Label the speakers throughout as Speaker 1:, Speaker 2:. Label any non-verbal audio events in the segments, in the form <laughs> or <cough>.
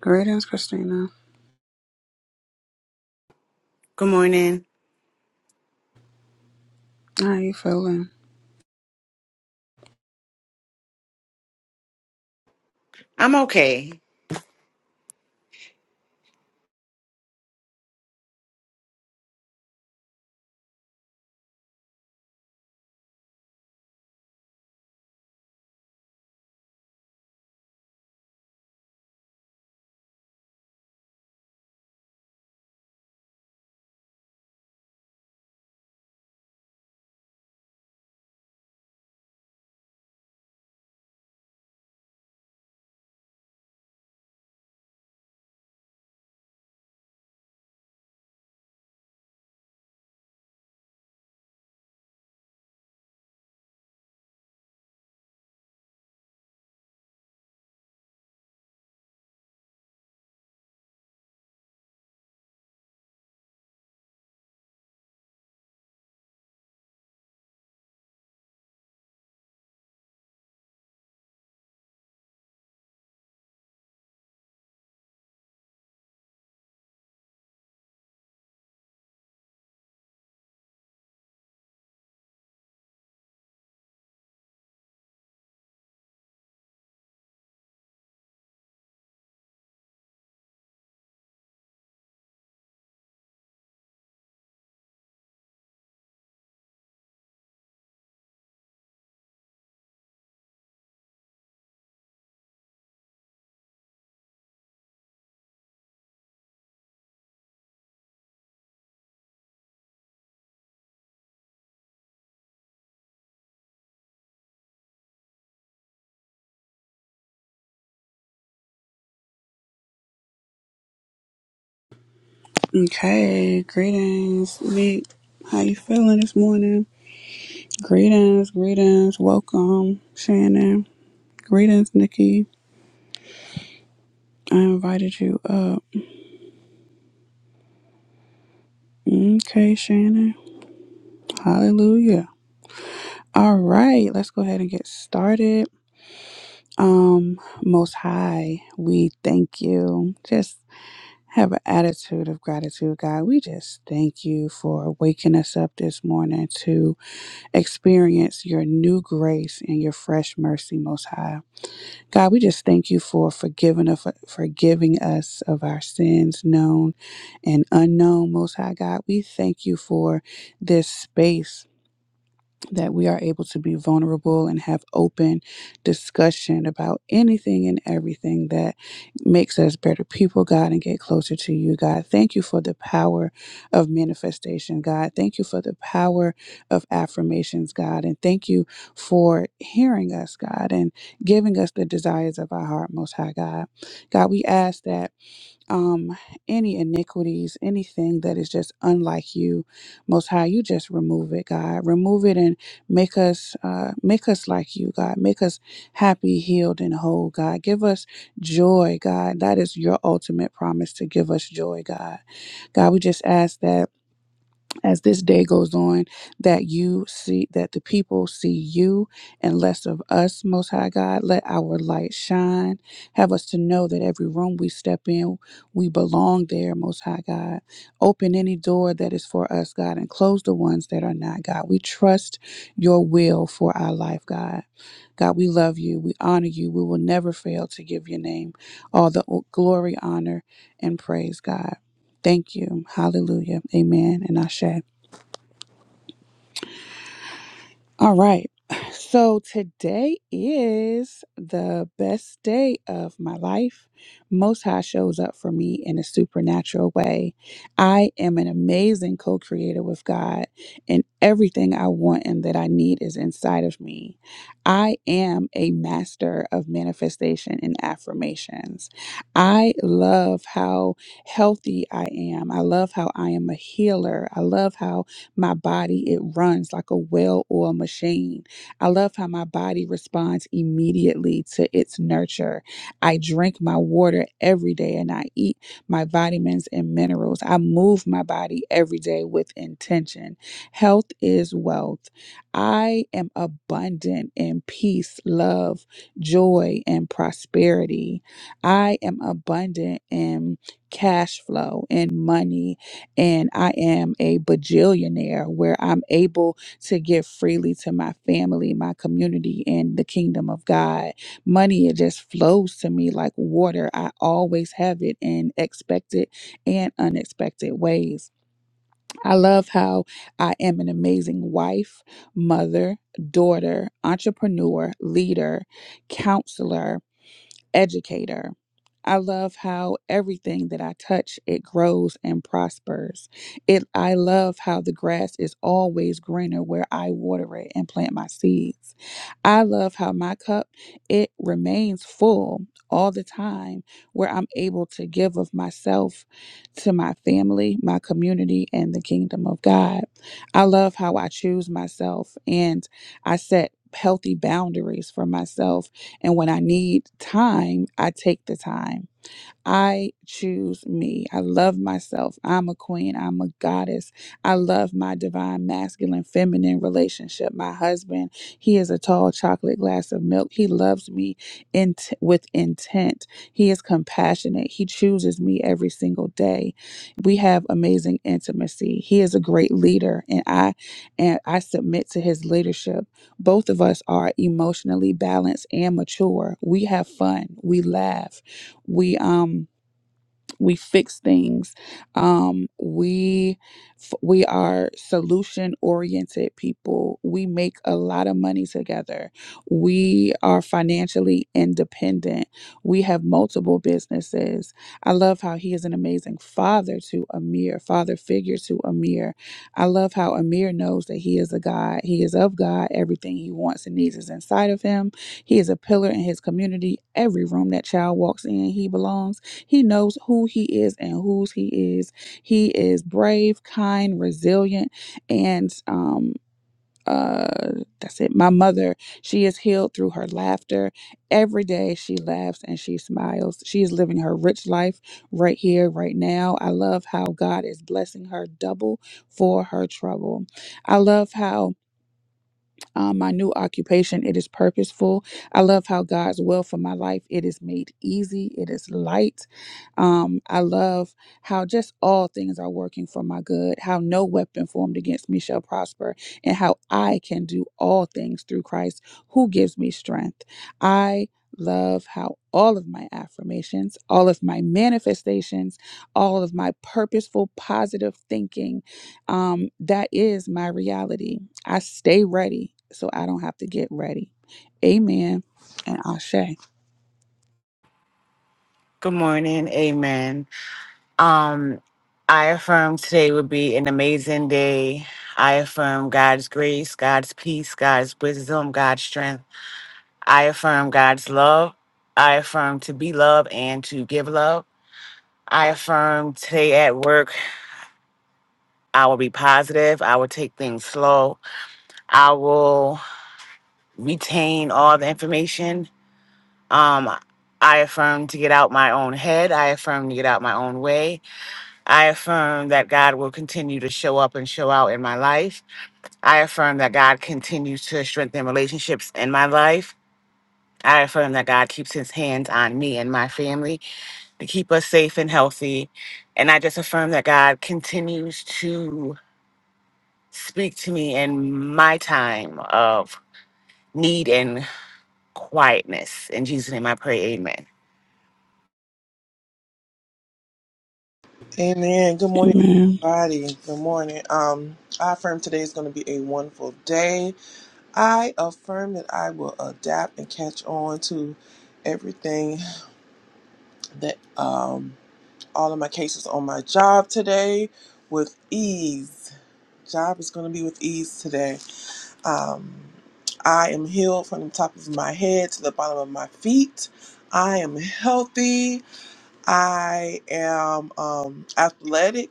Speaker 1: Greetings, Christina.
Speaker 2: Good morning.
Speaker 1: How you feeling?
Speaker 2: I'm okay.
Speaker 1: Okay, greetings, Meek. How you feeling this morning? Greetings, greetings, welcome, Shannon. Greetings, Nikki. I invited you up. Okay, Shannon. Hallelujah. All right, let's go ahead and get started. Um, Most High, we thank you. Just have an attitude of gratitude, God. We just thank you for waking us up this morning to. experience your new grace and your fresh mercy, Most High. God, we just thank you for forgiving, of- forgiving us of our sins, known and unknown, Most High God. We thank you for this space that we are able to be vulnerable and have open discussion about anything and everything that makes us better people, God, and get closer to you, God. Thank you for the power of manifestation, God. Thank you for the power of affirmations, God. And thank you for hearing us, God, and giving us the desires of our heart, Most High God. God, we ask that um any iniquities anything that is just unlike you most high you just remove it god remove it and make us uh make us like you god make us happy healed and whole god give us joy god that is your ultimate promise to give us joy god god we just ask that as this day goes on, that you see that the people see you and less of us, Most High God. Let our light shine. Have us to know that every room we step in, we belong there, Most High God. Open any door that is for us, God, and close the ones that are not, God. We trust your will for our life, God. God, we love you. We honor you. We will never fail to give your name all the glory, honor, and praise, God. Thank you. Hallelujah. Amen. And Ashe. All right. So today is the best day of my life. Most High shows up for me in a supernatural way. I am an amazing co creator with God, and everything I want and that I need is inside of me. I am a master of manifestation and affirmations. I love how healthy I am. I love how I am a healer. I love how my body, it runs like a well oiled machine. I love how my body responds immediately to its nurture. I drink my water every day and I eat my vitamins and minerals. I move my body every day with intention. Health is wealth. I am abundant in peace, love, joy, and prosperity. I am abundant in cash flow and money and I am a bajillionaire where I'm able to give freely to my family, my community, and the kingdom of God. Money, it just flows to me like water. I always have it in expected and unexpected ways. I love how I am an amazing wife, mother, daughter, entrepreneur, leader, counselor educator. I love how everything that I touch it grows and prospers. It I love how the grass is always greener where I water it and plant my seeds. I love how my cup it remains full all the time where I'm able to give of myself to my family, my community and the kingdom of God. I love how I choose myself and I set healthy boundaries for myself and when I need time, I take the time I choose me. I love myself. I'm a queen. I'm a goddess. I love my divine masculine feminine relationship. My husband, he is a tall chocolate glass of milk. He loves me in t- with intent. He is compassionate. He chooses me every single day. We have amazing intimacy. He is a great leader and I and I submit to his leadership. Both of us are emotionally balanced and mature. We have fun. We laugh. We um we fix things um we f- we are solution oriented people we make a lot of money together we are financially independent we have multiple businesses i love how he is an amazing father to amir father figure to amir i love how amir knows that he is a god he is of god everything he wants and needs is inside of him he is a pillar in his community every room that child walks in he belongs he knows who he is and whose he is. He is brave, kind, resilient, and um uh that's it. My mother, she is healed through her laughter. Every day she laughs and she smiles. She is living her rich life right here, right now. I love how God is blessing her double for her trouble. I love how um, my new occupation. It is purposeful. I love how God's will for my life. It is made easy. It is light. Um, I love how just all things are working for my good. How no weapon formed against me shall prosper, and how I can do all things through Christ who gives me strength. I love how all of my affirmations, all of my manifestations, all of my purposeful positive thinking um, that is my reality. I stay ready so I don't have to get ready. Amen. And Ashe.
Speaker 2: Good morning. Amen. Um, I affirm today would be an amazing day. I affirm God's grace, God's peace, God's wisdom, God's strength. I affirm God's love. I affirm to be loved and to give love. I affirm today at work, I will be positive. I will take things slow. I will retain all the information. Um, I affirm to get out my own head. I affirm to get out my own way. I affirm that God will continue to show up and show out in my life. I affirm that God continues to strengthen relationships in my life. I affirm that God keeps his hands on me and my family to keep us safe and healthy. And I just affirm that God continues to speak to me in my time of need and quietness. In Jesus' name I pray, amen.
Speaker 3: Amen. Good morning,
Speaker 1: Amen.
Speaker 3: everybody. Good morning. Um, I affirm today is going to be a wonderful day. I affirm that I will adapt and catch on to everything that um all of my cases on my job today with ease. Job is going to be with ease today. Um, I am healed from the top of my head to the bottom of my feet. I am healthy. I am um, athletic.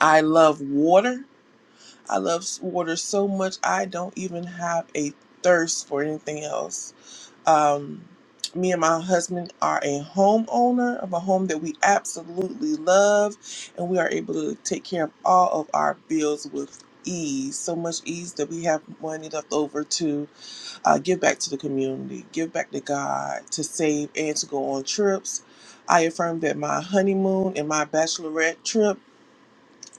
Speaker 3: I love water. I love water so much, I don't even have a thirst for anything else. Um, me and my husband are a homeowner of a home that we absolutely love, and we are able to take care of all of our bills with ease. So much ease that we have money left over to uh, give back to the community, give back to God, to save, and to go on trips. I affirm that my honeymoon and my bachelorette trip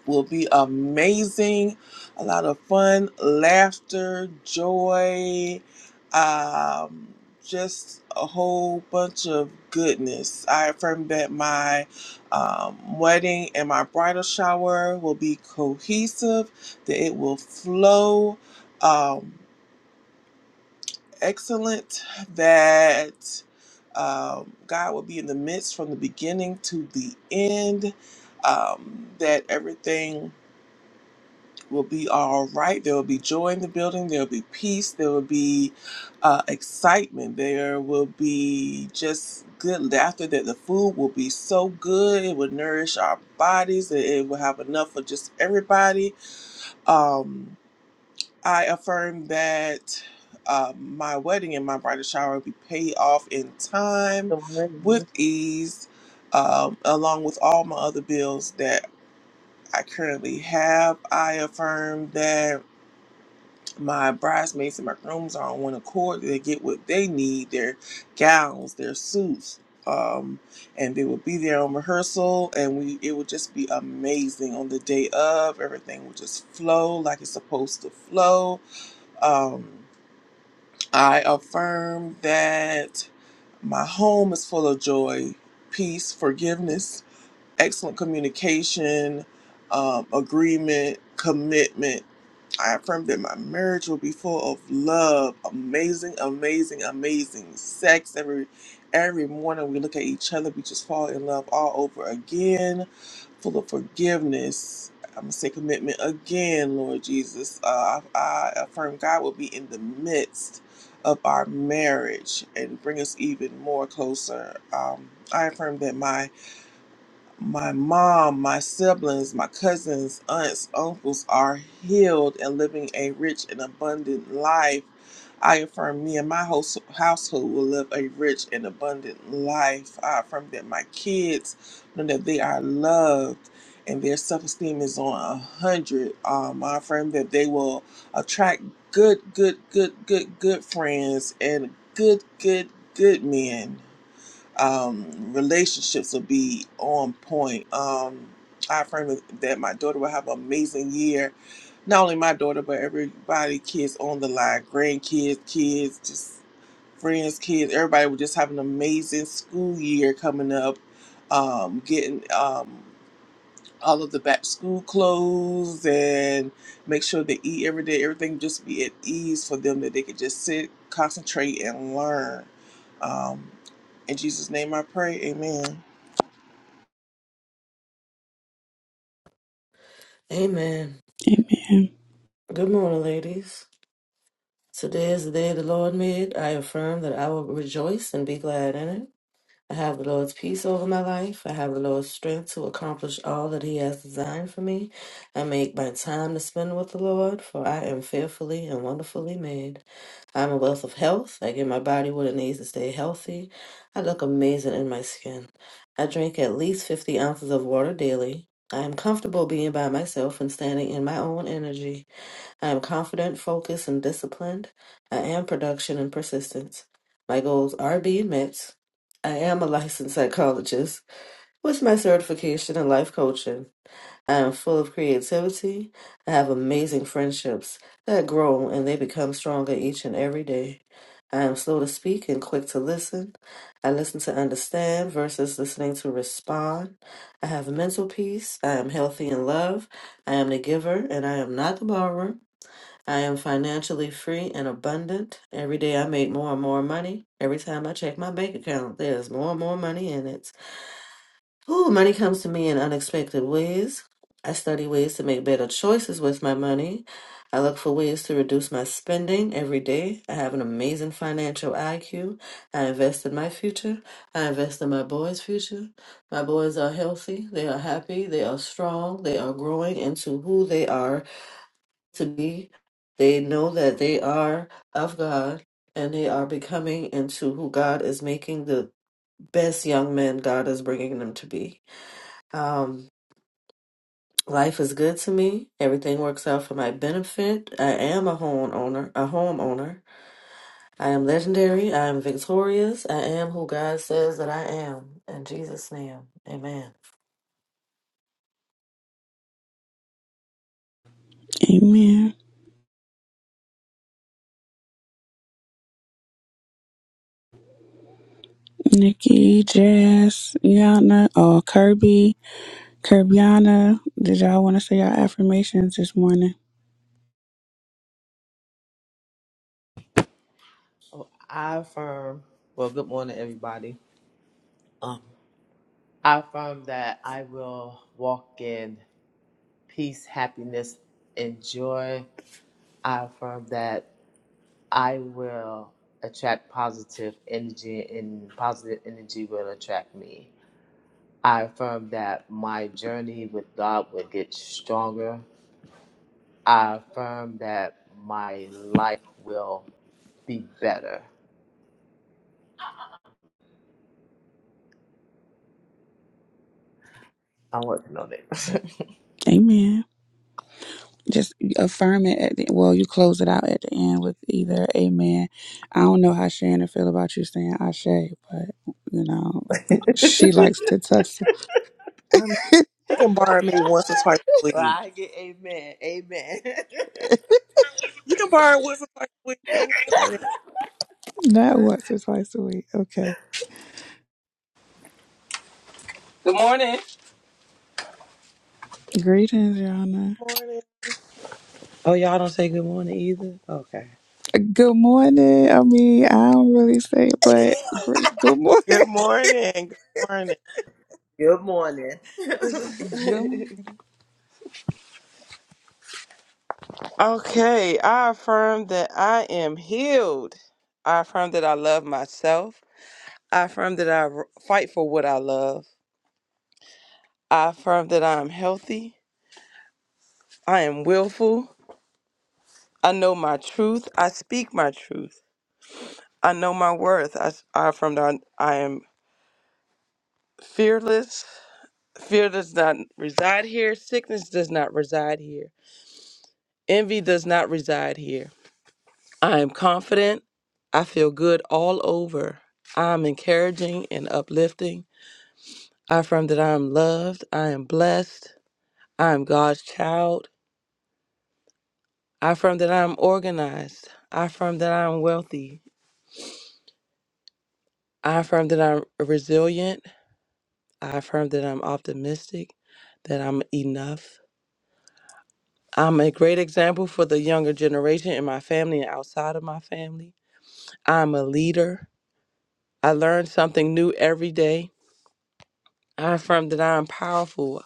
Speaker 3: will be amazing. A lot of fun, laughter, joy, um, just a whole bunch of goodness. I affirm that my um, wedding and my bridal shower will be cohesive, that it will flow um, excellent, that um, God will be in the midst from the beginning to the end, um, that everything will be all right. There will be joy in the building. There will be peace. There will be uh, excitement. There will be just good laughter. That the food will be so good. It will nourish our bodies. It, it will have enough for just everybody. Um, I affirm that uh, my wedding and my bridal shower will be paid off in time
Speaker 4: Good
Speaker 3: with
Speaker 4: morning.
Speaker 3: ease. Um, along with all my other bills that I currently have, I affirm that my bridesmaids and my grooms are on one accord. They get what they need, their gowns, their suits. Um, and they will be there on rehearsal and we it would just be amazing on the day of. Everything would just flow like it's supposed to flow. Um, I affirm that my home is full of joy, peace, forgiveness, excellent communication, um, agreement, commitment. I affirm that my marriage will be full of love, amazing, amazing, amazing sex. Every every morning we look at each other, we just fall in love all over again, full of forgiveness. I'm gonna say commitment again, Lord Jesus. Uh, I, I affirm God will be in the midst of our marriage and bring us even more closer. Um, I affirm that my my mom, my siblings, my cousins, aunts, uncles are healed and living a rich and abundant life. I affirm me and my host, household will live a rich and abundant life. I affirm that my kids know that they are loved and their self-esteem is on a hundred. Um, I affirm that they will attract good, good, good, good, good friends and good, good, good men um, relationships will be on point. Um, I affirm that my daughter will have an amazing year. Not only my daughter, but everybody, kids on the line, grandkids, kids, just friends, kids. Everybody will just have an amazing school year coming up. Um, getting um, all of the back school clothes and make sure they eat every day. Everything just be at ease for them that they could just sit, concentrate, and learn. Um, in Jesus' name I pray. Amen.
Speaker 5: Amen.
Speaker 1: Amen.
Speaker 5: Good morning, ladies. Today is the day the Lord made. I affirm that I will rejoice and be glad in it. I have the Lord's peace over my life. I have the Lord's strength to accomplish all that He has designed for me. I make my time to spend with the Lord, for I am fearfully and wonderfully made. I am a wealth of health. I give my body what it needs to stay healthy. I look amazing in my skin. I drink at least 50 ounces of water daily. I am comfortable being by myself and standing in my own energy. I am confident, focused, and disciplined. I am production and persistence. My goals are being met. I am a licensed psychologist with my certification in life coaching. I am full of creativity. I have amazing friendships that grow and they become stronger each and every day. I am slow to speak and quick to listen. I listen to understand versus listening to respond. I have mental peace. I am healthy in love. I am the giver and I am not the borrower. I am financially free and abundant. Every day I make more and more money. Every time I check my bank account, there's more and more money in it. Ooh, money comes to me in unexpected ways. I study ways to make better choices with my money. I look for ways to reduce my spending every day. I have an amazing financial IQ. I invest in my future. I invest in my boys' future. My boys are healthy. They are happy. They are strong. They are growing into who they are to be. They know that they are of God and they are becoming into who God is making the best young men God is bringing them to be. Um, life is good to me. Everything works out for my benefit. I am a home owner, a homeowner. I am legendary. I am victorious. I am who God says that I am. In Jesus' name, amen.
Speaker 1: Amen. Nikki, Jess, Yana, oh, Kirby, Kirbyana. Did y'all want to say your affirmations this morning?
Speaker 6: Oh, I affirm, well, good morning, everybody. Um, I affirm that I will walk in peace, happiness, and joy. I affirm that I will attract positive energy, and positive energy will attract me. I affirm that my journey with God will get stronger. I affirm that my life will be better. I want to know that. <laughs>
Speaker 1: Amen. Just affirm it. At the, well, you close it out at the end with either amen. I don't know how Shannon feel about you saying Ashe, but you know she likes to test.
Speaker 3: Um,
Speaker 1: <laughs>
Speaker 3: you can borrow me once or twice a week.
Speaker 6: I get Amen. Amen.
Speaker 3: You can borrow once or twice a week. Ain't nothing like that.
Speaker 1: Not once or twice a week. Okay.
Speaker 7: Good morning.
Speaker 1: Greetings, Your Honor.
Speaker 3: Good morning.
Speaker 7: Oh, y'all don't say good morning either? Okay.
Speaker 1: Good morning. I mean, I don't really say it, but great. Good morning.
Speaker 3: Good morning. Good morning.
Speaker 6: <laughs> Good morning.
Speaker 1: <laughs> Good
Speaker 7: <laughs>
Speaker 1: morning.
Speaker 7: okay, I affirm that I am healed. I affirm that I love myself. I affirm that I r- fight for what I love. I affirm that I am healthy. I am willful. I know my truth. I speak my truth. I know my worth. I, s- I affirm that I, I am fearless. Fear does not reside here. Sickness does not reside here. Envy does not reside here. I am confident. I feel good all over. I am encouraging and uplifting. I affirm that I am loved. I am blessed. I am God's child. I affirm that I am organized. I affirm that I am wealthy. I affirm that I'm resilient. I affirm that I'm optimistic, that I'm enough. I'm a great example for the younger generation in my family and outside of my family. I'm a leader. I learn something new every day. I affirm that I am powerful.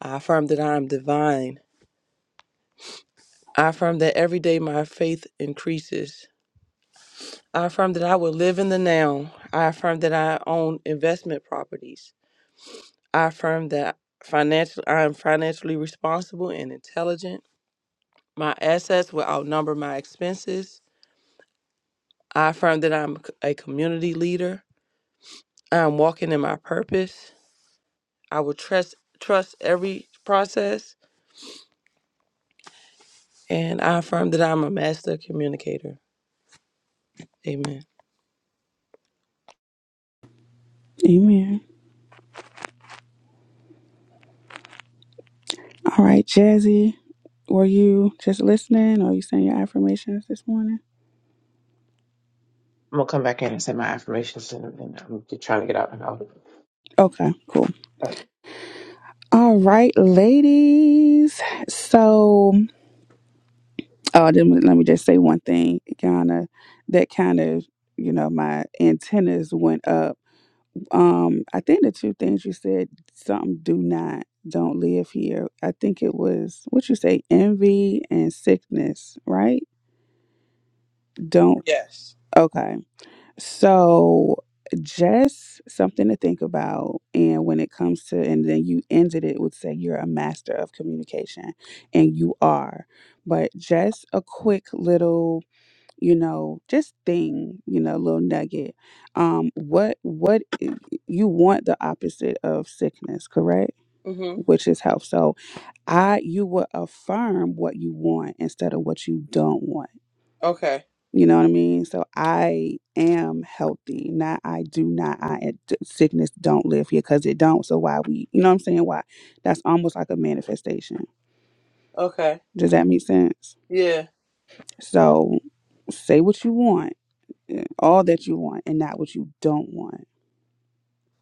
Speaker 7: I affirm that I am divine. I affirm that every day my faith increases. I affirm that I will live in the now. I affirm that I own investment properties. I affirm that financial I am financially responsible and intelligent. My assets will outnumber my expenses. I affirm that I'm a community leader. I am walking in my purpose. I will trust trust every process and I affirm that I'm a master communicator. Amen.
Speaker 1: Amen. All right, Jazzy, were you just listening or you saying your affirmations this morning?
Speaker 4: I'm gonna come back in and say my affirmations, and, and I'm just trying to get out. And out.
Speaker 1: Okay, cool. All right, ladies. So, oh, then let me just say one thing, Yana. That kind of, you know, my antennas went up Um, I think the two things you said, something do not, don't live here. I think it was what you say, envy and sickness, right? Don't
Speaker 7: Yes.
Speaker 1: okay. So just something to think about and when it comes to and then you ended it with say you're a master of communication and you are but just a quick little you know just thing you know little nugget um what what you want the opposite of sickness correct
Speaker 7: Mhm.
Speaker 1: which is health so i you will affirm what you want instead of what you don't want
Speaker 7: Okay.
Speaker 1: you know what i mean so i am healthy not i do not i it- sickness don't live here because it don't so why we you know what i'm saying why that's almost like a manifestation
Speaker 7: Okay.
Speaker 1: does that make sense
Speaker 7: Yeah.
Speaker 1: so say what you want eh, all that you want and not what you don't want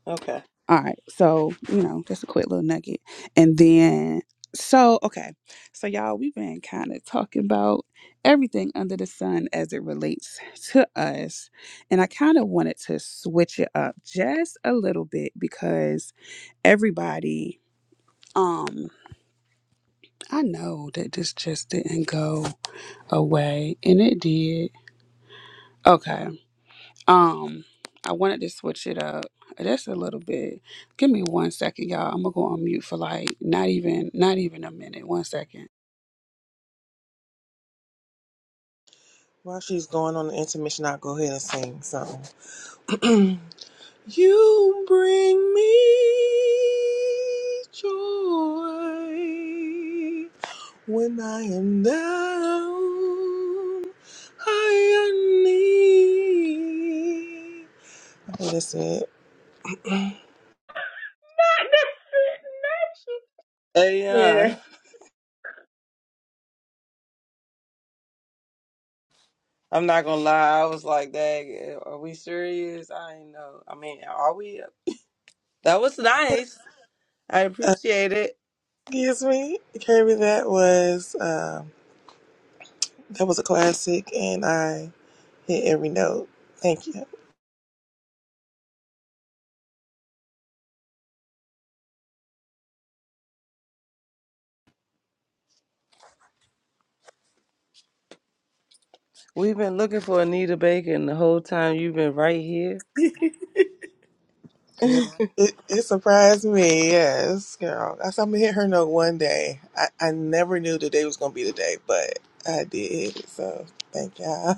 Speaker 7: Okay.
Speaker 1: All right. So, you know, just a quick little nugget. And then, so, okay. So, y'all, we've been kind of talking about everything under the sun as it relates to us. And I kind of wanted to switch it up just a little bit because everybody, um, I know that this just didn't go away and it did. Okay. Um, I wanted to switch it up just a little bit. Give me one second, y'all. I'm gonna go on mute for like not even not even a minute. One second.
Speaker 3: While she's going on the intermission, I'll go ahead and sing something. <clears throat> you bring me joy when I am down. I am need. I think that's it.
Speaker 7: Hey, uh, <laughs> I'm not gonna lie. I was like, "Dang, are we serious?" I ain't know. I mean, are we? That was nice. I
Speaker 3: Uh,
Speaker 7: appreciate it.
Speaker 3: excuse me, Kirby. That was um that was a classic, and I hit every note. Thank you.
Speaker 7: We've been looking for Anita Bacon the whole time you've been right here.
Speaker 6: <laughs>
Speaker 7: <laughs>
Speaker 3: Girl,
Speaker 7: I,
Speaker 3: it, it surprised me. Yes, girl. I saw me hit her note one day. I, I never knew today was gonna be the day, but I did hit it. So thank y'all.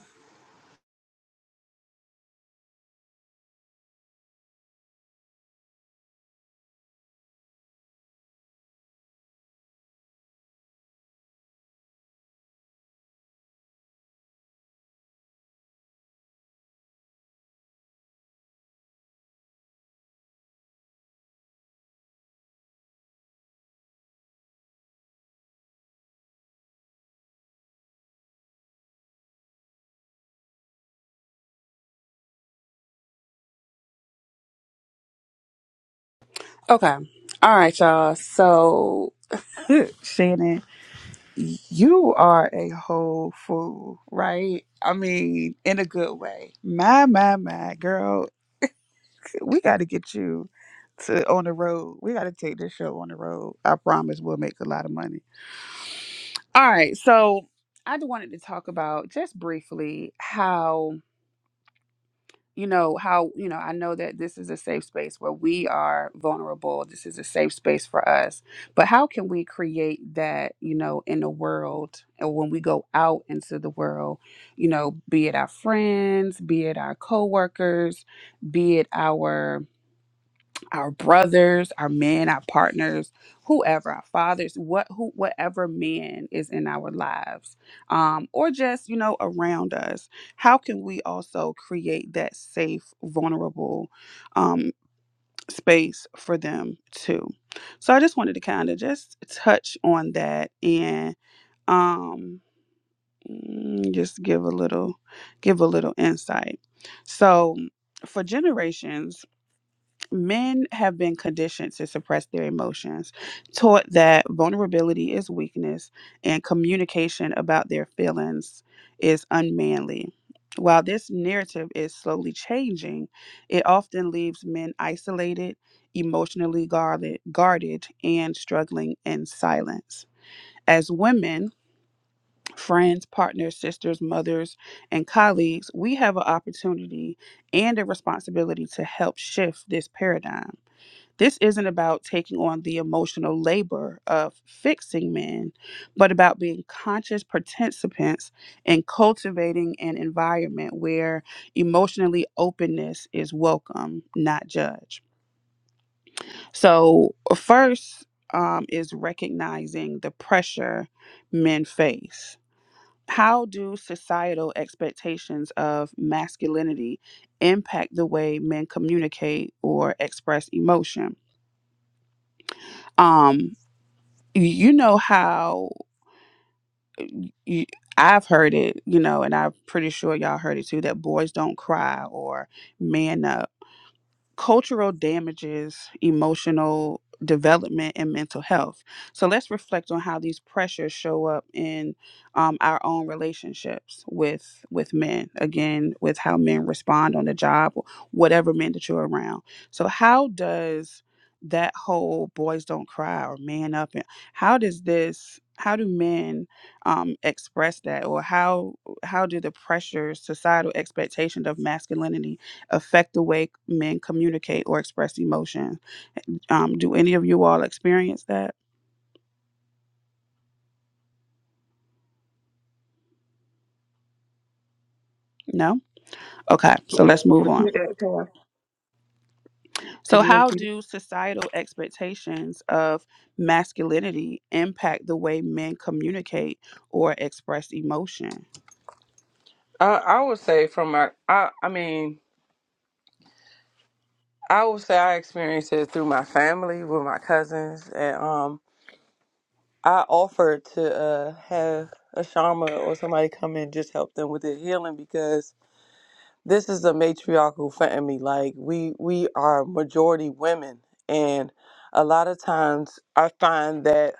Speaker 1: Okay. All right, y'all. So <laughs> Shannon, you are a whole fool, right? I mean, in a good way. My, my, my girl, we gotta get you to on the road. We gotta take this show on the road. I promise we'll make a lot of money. All right. So I d- wanted to talk about just briefly how, you know, how, you know, I know that this is a safe space where we are vulnerable. This is a safe space for us. But how can we create that, you know, in the world and when we go out into the world, you know, be it our friends, be it our coworkers, be it our our brothers, our men, our partners, whoever, our fathers, what who whatever man is in our lives, um, or just, you know, around us. How can we also create that safe, vulnerable um space for them too? So I just wanted to kind of just touch on that and um mm, just give a little give a little insight. So for generations men have been conditioned to suppress their emotions, taught that vulnerability is weakness and communication about their feelings is unmanly. While this narrative is slowly changing, it often leaves men isolated, emotionally guarded, guarded and struggling in silence. As women, friends, partners, sisters, mothers, and colleagues, we have an opportunity and a responsibility to help shift this paradigm this isn't about taking on the emotional labor of fixing men, but about being conscious participants in cultivating an environment where emotionally openness is welcome, not judged. So, first um, is recognizing the pressure men face. How do societal expectations of masculinity impact the way men communicate or express emotion? Um, you you know how you, I've heard it, you know, and I'm pretty sure y'all heard it too that boys don't cry or man up cultural damages emotional development and mental health. So let's reflect on how these pressures show up in um, our own relationships with with men. Again, with how men respond on the job, whatever men that you're around. So how does that whole boys don't cry or man up and how does this how do men um, express that or how how do the pressures societal expectations of masculinity affect the way men communicate or express emotion. Um, do any of you all experience that? No? Okay, so let's move on.
Speaker 4: repeat that, Pam.
Speaker 1: So,
Speaker 4: Could you
Speaker 1: how
Speaker 4: repeat it?
Speaker 1: do societal expectations of masculinity impact the way men communicate or express emotion?
Speaker 7: I would say from my, I, I mean, I would say I experienced it through my family with my cousins, and um, I offered to uh, have a shaman or somebody come in and just help them with their healing because this is a matriarchal family. Like we we are majority women, and a lot of times I find that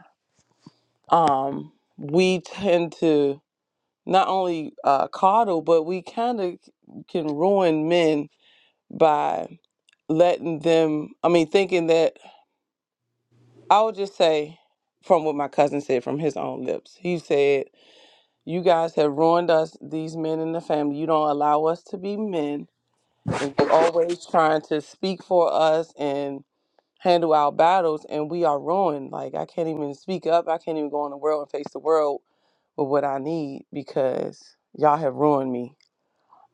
Speaker 7: um, we tend to not only uh, coddle, but we kind of can ruin men by letting them i mean thinking that i would just say from what my cousin said from his own lips he said You guys have ruined us, these men in the family. You don't allow us to be men, and you always trying to speak for us and handle our battles, and we are ruined. Like I can't even speak up. I can't even go in the world and face the world with what I need because y'all have ruined me.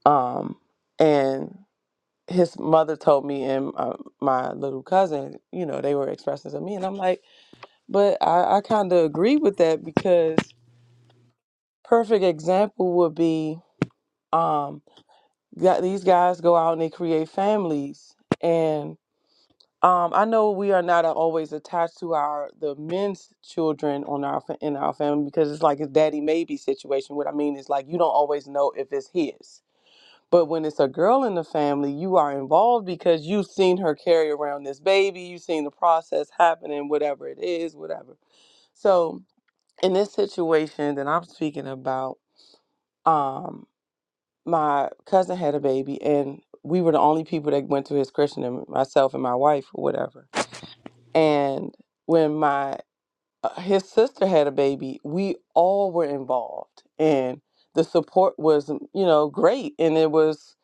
Speaker 7: Um, and his mother told me and uh, my little cousin, you know, they were expressing to me, and I'm like, but I, I kind of agree with that because perfect example would be. um. got these guys go out and they create families and um, I know we are not always attached to our the men's children on our fa- in our family because it's like a daddy maybe situation. What I mean is like you don't always know if it's his. But when it's a girl in the family, you are involved because you've seen her carry around this baby, you've seen the process happening, whatever it is, whatever. So in this situation that I'm speaking about, um, my cousin had a baby and we were the only people that went to his christening myself and my wife or whatever and when my uh, his sister had a baby we all were involved and the support was mm, you know great and it was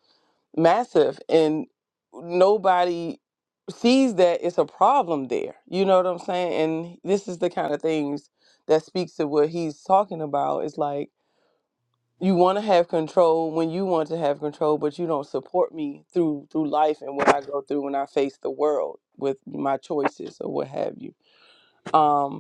Speaker 7: massive and nobody sees that it's a problem there you know what i'm saying and this is the kind of things that speaks to what he's talking about it's like you want to have control when you want to have control but you don't support me through through life and what i go through when i face the world with my choices or what have you um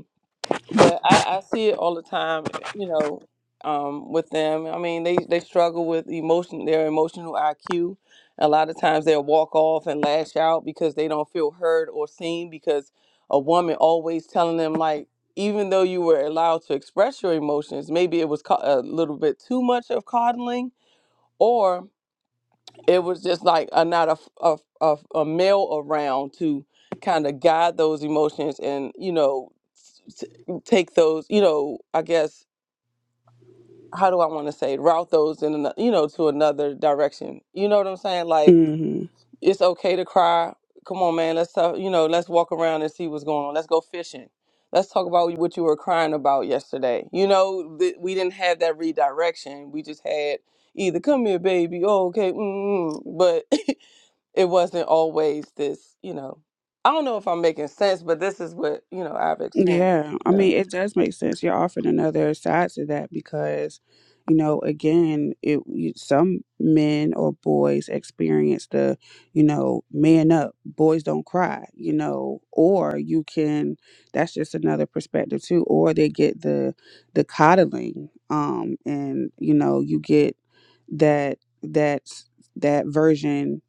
Speaker 7: but I, I see it all the time, eh, you know, um, with them. I mean, they, they struggle with emotion, their emotional IQ. A lot of times they'll walk off and lash out because they don't feel heard or seen because a woman always telling them like, even though you were allowed to express your emotions, maybe it was ca- a little bit too much of coddling it was just like a not a a, a, a male around to kind of guide those emotions and you know s- take those you know i guess how do i want to say route those in ano- you know to another direction you know what i'm saying like
Speaker 1: Mhm.
Speaker 7: it's okay to cry come on man let's talk you know let's walk around and see what's going on let's go fishing let's talk about what you were crying about yesterday you know th- we didn't have that redirection we just had either come here baby oh okay mm, mm," mm." but <laughs> it wasn't always this, you know. I don't know if I'm making sense, but this is what, you know, I've experienced.
Speaker 1: Yeah, I
Speaker 7: you know.
Speaker 1: mean, it does make sense. You're offering another side to that because, you know, again, it you, some men or boys experience the, you know, man up, boys don't cry, you know, or you can. That's just another perspective too. Or they get the the coddling, um, and you know, you get that that that version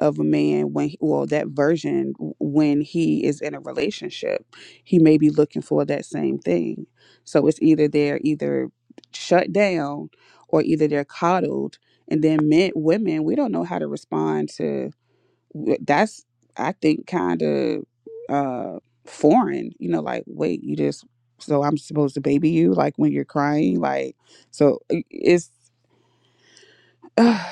Speaker 1: of a man when well that version when he is in a relationship he may be looking for that same thing. So it's either they're either shut down or either they're coddled. And then men, women, we don't know how to respond to that's, I think, kind of uh, foreign, you know, like, wait, you just, so I'm supposed to baby you, like when you're crying, like, so i- it's, <sighs> uh,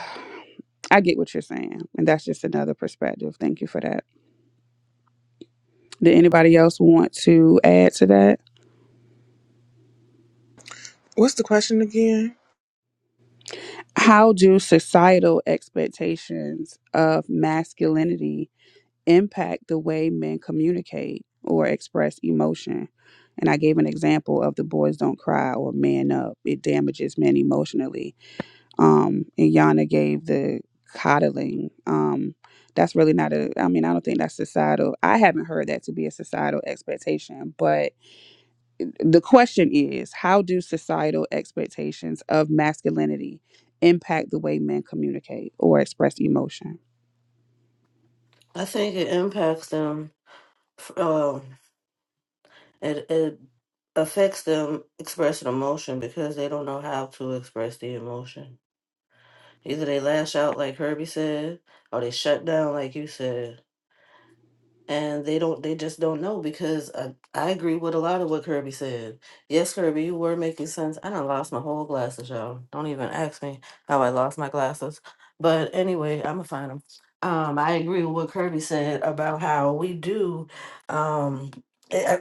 Speaker 1: I get what you're saying. And that's just another perspective. Thank you for that. Did anybody else want to add to that?
Speaker 3: What's the question again?
Speaker 1: how do societal expectations of masculinity impact the way men communicate or express emotion? And I gave an example of the boys don't cry or man up. It damages men emotionally. Um, and Yana gave the coddling. Um, that's really not a, I mean, I don't think that's societal. I haven't heard that to be a societal expectation, but the question is how do societal expectations of masculinity impact the way men communicate or express emotion
Speaker 5: I think it impacts them. Uh, It it affects them expressing emotion because they don't know how to express the emotion. Either they lash out like Herbie said, or they shut down like you said and they don't they just don't know because I, I agree with a lot of what Kirby said. Yes, Kirby, you were making sense. I done lost my whole glasses, y'all. Don't even ask me how I lost my glasses. But anyway, I'ma find them. Um, I agree with what Kirby said about how we do um eh, eh,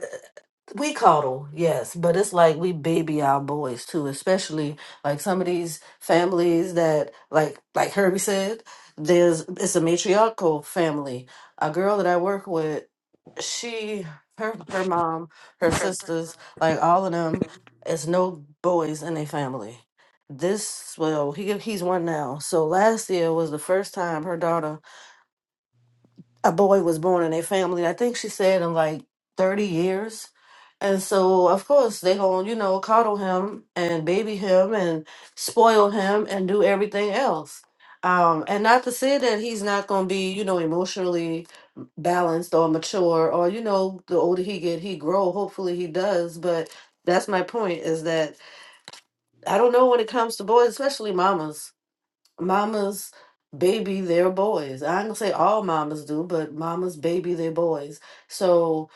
Speaker 5: we coddle, yes, but it's like we baby our boys too, especially like some of these families that like like Herbie said, there's it's a matriarchal family a girl that I work with, she, her, her mom, her sisters, like all of them, is no boys in their family. This well, he he's one now. So last year was the first time her daughter a boy was born in their family. I think she said in like 30 years. And so, of course, they going to, you know, coddle him and baby him and spoil him and do everything else. Um, and not to say that he's not going to be, you know, emotionally balanced or mature or, you know, the older he get, he grow. Hopefully he does. But that's my point is that I don't know when it comes to boys, especially mamas mamas baby their boys. I ain't gonna say all mamas do, but mamas baby their boys. So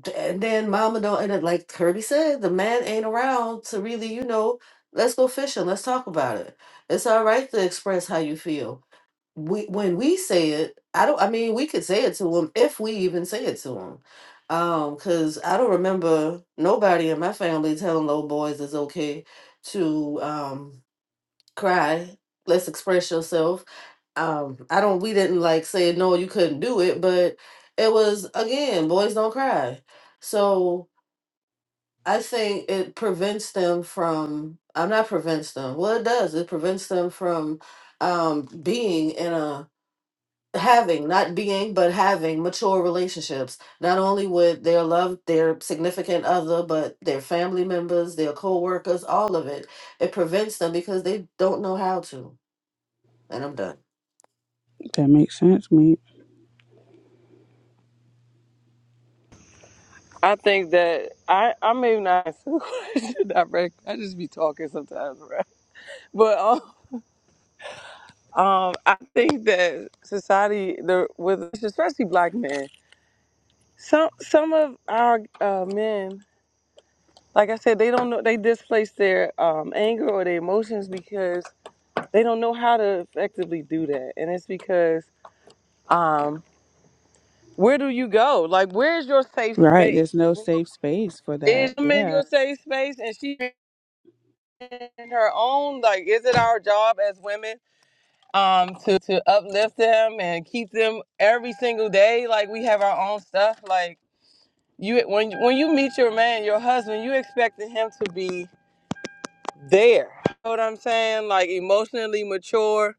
Speaker 5: d- and then mama don't and it, like Kirby said, the man ain't around to really, you know, let's go fishing, let's talk about it. It's all right to express how you feel. We when we say it, I don't. I mean, we could say it to him if we even say it to him. Um, cause I don't remember nobody in my family telling little boys it's okay to um cry. Let's express yourself um i don't we didn't like say no you couldn't do it but it was again boys don't cry so i think it prevents them from i'm not prevents them well it does it prevents them from um being in a having not being but having mature relationships not only with their love their significant other but their family members their co-workers all of it it prevents them because they don't know how to and i'm done
Speaker 1: If that makes sense me
Speaker 7: I think that I I may not <laughs> answer the question direct. I just be talking sometimes, right? But um, um I think that society the with especially black men, some some of our uh, men, like I said, they don't know they displace their um anger or their emotions because they don't know how to effectively do that. And it's because um. Where do you go? Like, where's your safe
Speaker 1: right
Speaker 7: space?
Speaker 1: there's no
Speaker 7: Well,
Speaker 1: safe space for that
Speaker 7: Is him in
Speaker 1: yeah
Speaker 7: your safe space? And she in her own, like, is it our job as women um, to, to uplift them and keep them every single day? Like, we have our own stuff. Like, you when when you meet your man, your husband, you expecting him to be there. You know what I'm saying? Like, emotionally mature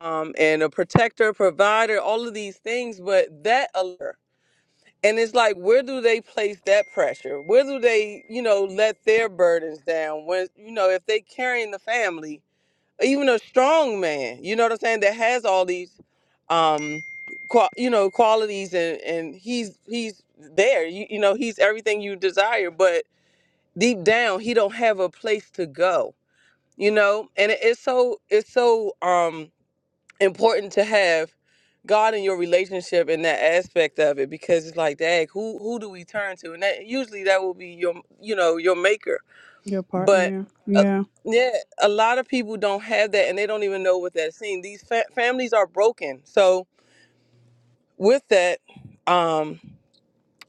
Speaker 7: um, and a protector, provider, all of these things. But that alert And it's like, where do they place that pressure? Where do they, you know, let their burdens down? When, you know, if they carrying the family, even a strong man, you know what I'm saying, that has all these, um, qual- you know, qualities, and and he's he's there. You, you know, he's everything you desire, but deep down, he don't have a place to go. You know, and it, it's so it's so um important to have God in your relationship in that aspect of it because it's like, dang, who who do we turn to? And that usually that will be your you know your maker.
Speaker 1: your
Speaker 7: But
Speaker 1: partner
Speaker 7: uh,
Speaker 1: yeah
Speaker 7: yeah, a lot of people don't have that and they don't even know what that's seen. These fa- families are broken. So with that, um,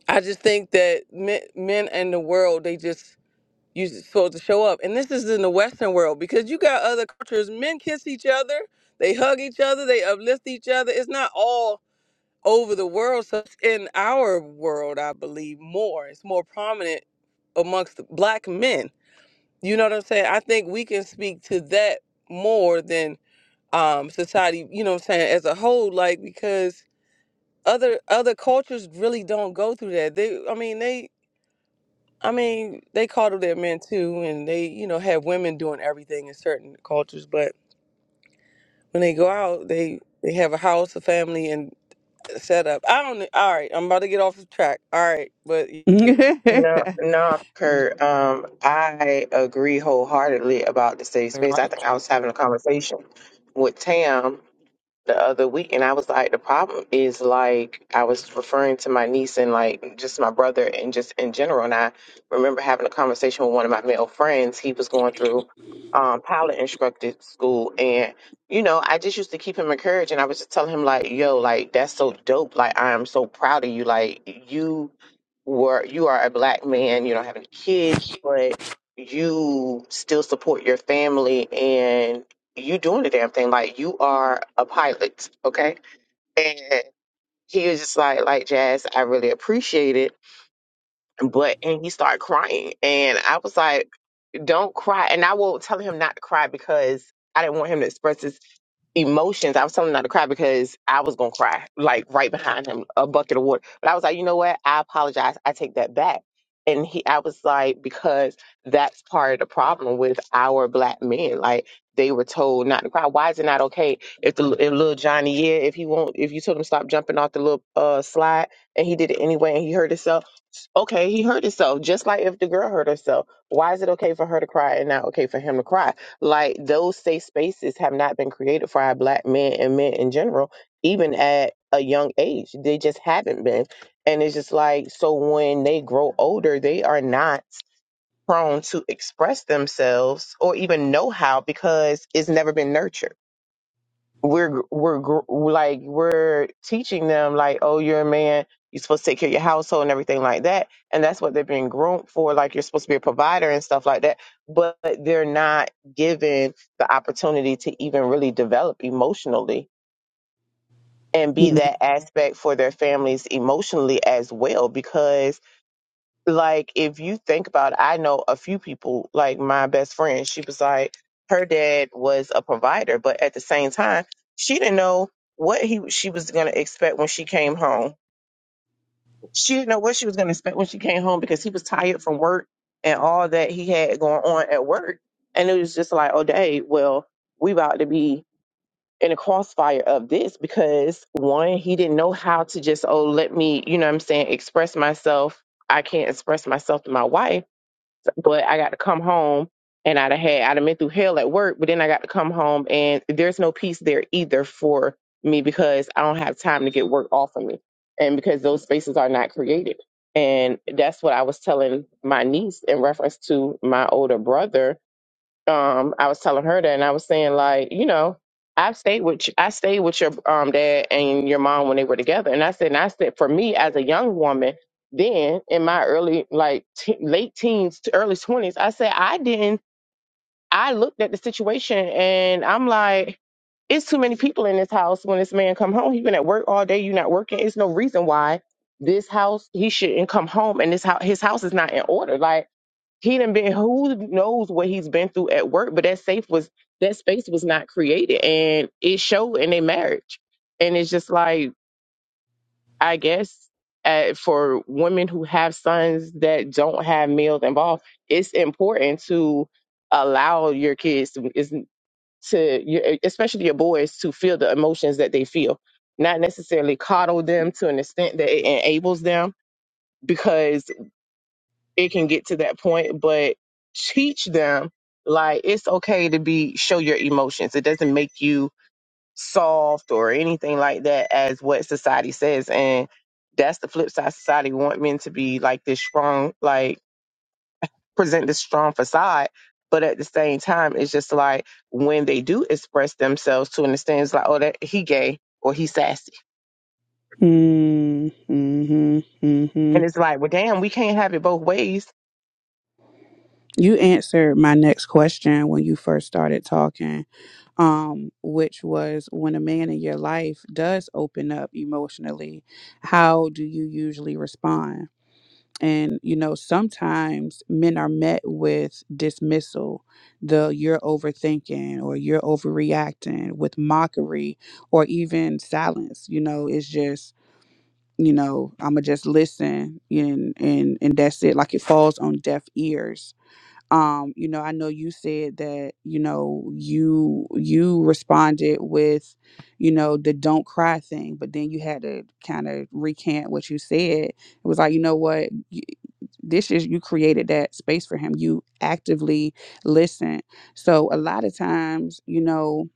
Speaker 7: I just think that men, men and the world they just you supposed to show up, and this is in the Western world because you got other cultures. Men kiss each other, they hug each other, they uplift each other. It's not all over the world. So it's in our world, I believe more. It's more prominent amongst black men. You know what I'm saying? I think we can speak to that more than um, society. You know what I'm saying? As a whole, like because other other cultures really don't go through that. They, I mean, they. I mean, they coddle their men too, and they, you know, have women doing everything in certain cultures. But when they go out, they they have a house, a family, and Shut up. I don't. All right, I'm about to get off the track. All right, but you-
Speaker 1: <laughs>
Speaker 4: No, no, Kurt. Um, I agree wholeheartedly about the safe space. I think I was having a conversation with Tam the other week and I was like the problem is like I was referring to my niece and like just my brother and just in general and I remember having a conversation with one of my male friends he was going through um pilot instructed school and you know I just used to keep him encouraged and I was just telling him like yo like that's so dope like I am so proud of you like you were you are a black man you don't have any kids but you still support your family and you doing the damn thing. Like you are a pilot, okay? And he was just like, like Jazz, I really appreciate it. But and he started crying. And I was like, Don't cry. And I will tell him not to cry because I didn't want him to express his emotions. I was telling him not to cry because I was gonna cry, like right behind him, a bucket of water. But I was like, you know what? I apologize. I take that back. And he, I was like, because that's part of the problem with our black men. Like they were told not to cry. Why is it not okay if the if little Johnny, yeah, if he won't, if you told him stop jumping off the little uh slide and he did it anyway and he hurt himself. Okay, he hurt himself, just like if the girl hurt herself. Why is it okay for her to cry and not okay for him to cry? Like those safe spaces have not been created for our black men and men in general, even at a young age. They just haven't been. And it's just like, so when they grow older, they are not prone to express themselves or even know how because it's never been nurtured we're we're gr- like we're teaching them like oh you're a man you're supposed to take care of your household and everything like that and that's what they're being groomed for like you're supposed to be a provider and stuff like that but they're not given the opportunity to even really develop emotionally and be that aspect for their families emotionally as well because like if you think about it, I know a few people, like my best friend, she was like, her dad was a provider, but at the same time, she didn't know what he she was gonna expect when she came home. She didn't know what she was gonna expect when she came home because he was tired from work and all that he had going on at work. And it was just like, oh day, well, we about to be in a crossfire of this because one, he didn't know how to just, oh, let me, you know what I'm saying, express myself. I can't express myself to my wife but I got to come home and I'd have had I'd have been through hell at work, but then I got to come home and there's no peace there either for me because I don't have time to get work off of me. And because those spaces are not created. And that's what I was telling my niece in reference to my older brother um I was telling her that and I was saying like, you know, I stayed with I stayed with your um dad and your mom when they were together. And I said and I said for me as a young woman then in my early like te- late teens to early 20s, I said I didn't I looked at the situation and I'm like it's too many people in this house when this man come home. He been at work all day, you not working. It's no reason why this house he shouldn't come home and this house his house is not in order. Like he done been who knows what he's been through at work, but that safe was that space was not created and it showed in their marriage. And it's just like I guess uh, for women who have sons that don't have males involved, it's important to allow your kids to, is to your, especially your boys to feel the emotions that they feel, not necessarily coddle them to an extent that it enables them. Because it can get to that point, but teach them like it's okay to be show your emotions. It doesn't make you soft or anything like that as what society says. And that's the flip side. Society want men to be like this strong, like present this strong facade. But at the same time, it's just like when they do express themselves to understand, it's like, oh, that he gay or he sassy.
Speaker 1: Mm-hmm, mm-hmm, mm-hmm.
Speaker 4: And it's like, well, damn, we can't have it both ways
Speaker 1: You answered my next question when you first started talking, um, which was when a man in your life does open up emotionally, how do you usually respond? And, you know, sometimes men are met with dismissal, the you're overthinking or you're overreacting with mockery or even silence. You know, it's just, you know, I'ma just listen and and and that's it. Like it falls on deaf ears um you know i know you said that you know you you responded with you know the don't cry thing but then you had to kind of recant what you said it was like you know what y- this is you created that space for him you actively listen so a lot of times you know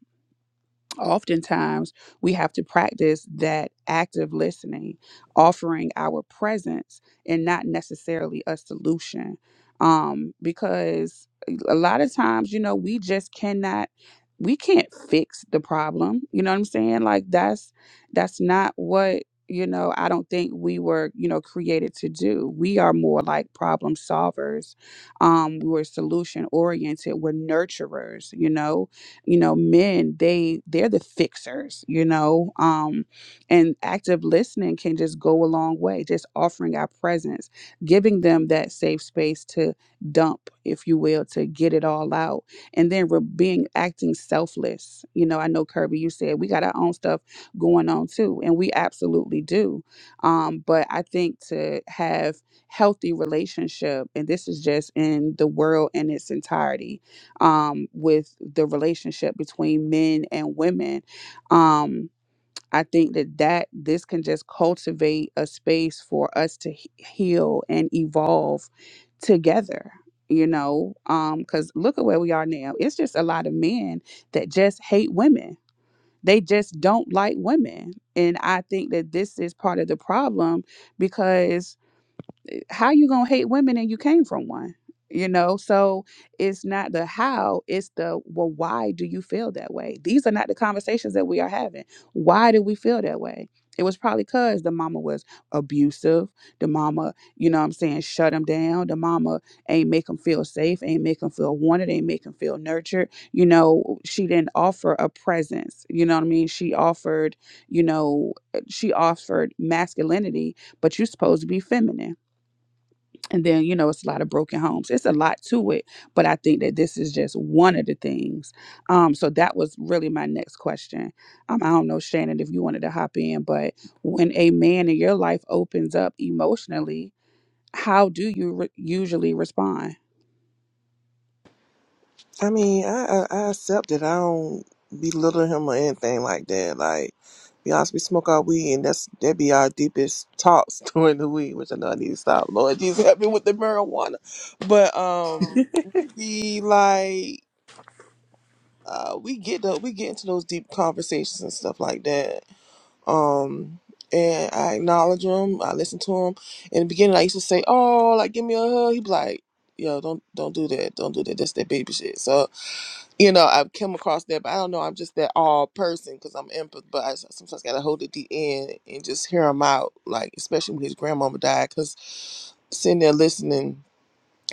Speaker 1: oftentimes we have to practice that active listening, offering our presence and not necessarily a solution. Um, because eh, a lot of times, you know, we just cannot we can't fix the problem. You know what I'm saying? Like that's that's not what you know, I don't think we were, you know, created to do. We are more like problem solvers. Um, we were solution oriented. We're nurturers, you know you know men they they're the fixers you know um and active listening can just go a long way just offering our presence giving them that safe space to dump if you will to get it all out and then we're being acting selfless you know i know kirby you said we got our own stuff going on too and we absolutely do um but i think to have healthy relationship and this is just in the world in its entirety um, with the relationship between men and women. Um, I think that that this can just cultivate a space for us to he- heal and evolve together. You know, because look at where we are now. It's just a lot of men that just hate women. They just don't like women, and I think that this is part of the problem because how you gonna hate women and you came from one you know so it's not the how it's the well why do you feel that way these are not the conversations that we are having why do we feel that way it was probably because the mama was abusive the mama you know what i'm saying shut him down the mama ain't make him feel safe ain't make him feel wanted ain't make him feel nurtured you know she didn't offer a presence you know what i mean she offered you know she offered masculinity but you're supposed to be feminine and then, you know, it's a lot of broken homes. It's a lot to it, but I think that this is just one of the things. Um, so that was really my next question. Um, I don't know, Shannon, if you wanted to hop in, but when a man in your life opens up emotionally, how do you re- usually respond?
Speaker 3: I mean, I I, I accept it. I don't belittle him or anything like that. Like, be honest, we smoke our weed, and that's that be our deepest talks <laughs> during the week, which I know I need to stop. Lord Jesus, help me with the marijuana. But um, we be like. uh, we get the, we get into those deep conversations and stuff like that. Um, and I acknowledge him. I listen to him. In the beginning, I used to say, "Oh, like give me a hug." He'd be like, "Yo, don't don't do that. Don't do that. That's that baby shit." So you know, I've come across that, but I don't know. I'm just that all person because I'm empath. But I sometimes gotta hold it the end and just hear him out. Like especially when his grandmama died, because sitting there listening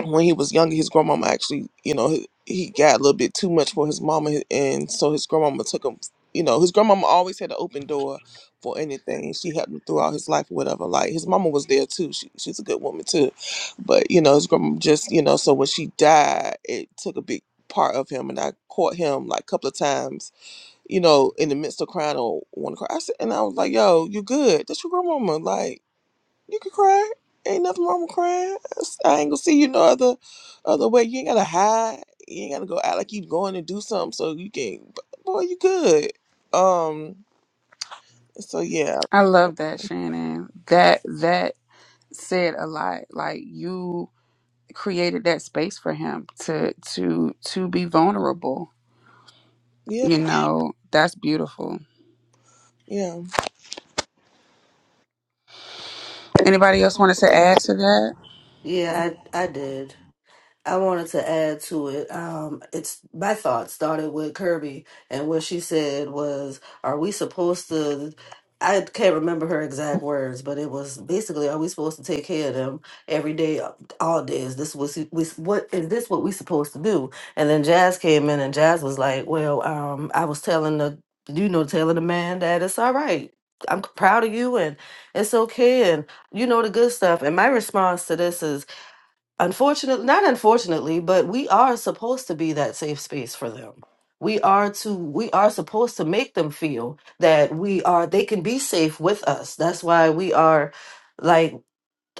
Speaker 3: when he was younger, his grandmama actually, you know, he, he got a little bit too much for his mama, and so his grandmama took him. You know, his grandmama always had an open door for anything. She helped him throughout his life or whatever. Like his mama was there too. She, she's a good woman too, but you know, his grandma just, you know, so when she died, it took a big part of him, and I caught him like a couple of times. You know, in the midst of crying or want to cry, I said, and I was like, "Yo, you good? That's your grandmama." Like you can cry. Ain't nothing wrong with crying. I ain't gonna see you no other other way. You ain't gotta hide. You ain't gotta go out like you going to do something so you can boy, you good. Um so yeah,
Speaker 1: I love that, Shannon. That that said a lot. Like you created that space for him to to to be vulnerable.
Speaker 3: yeah,
Speaker 1: You know, that's beautiful.
Speaker 3: yeah.
Speaker 1: Anybody else want to say add to that?
Speaker 5: yeah i i did I wanted to add to it. Um, it's my thought started with Kirby, and what she said was, "Are we supposed to?" I can't remember her exact words, but it was basically, "Are we supposed to take care of them every day, all day? Is this what we, what is this what we supposed to do?" And then Jazz came in, and Jazz was like, "Well, um, I was telling the, you know, telling the man that it's all right. I'm proud of you, and it's okay, and you know the good stuff." And my response to this is unfortunately not unfortunately but we are supposed to be that safe space for them we are to we are supposed to make them feel that we are they can be safe with us that's why we are like,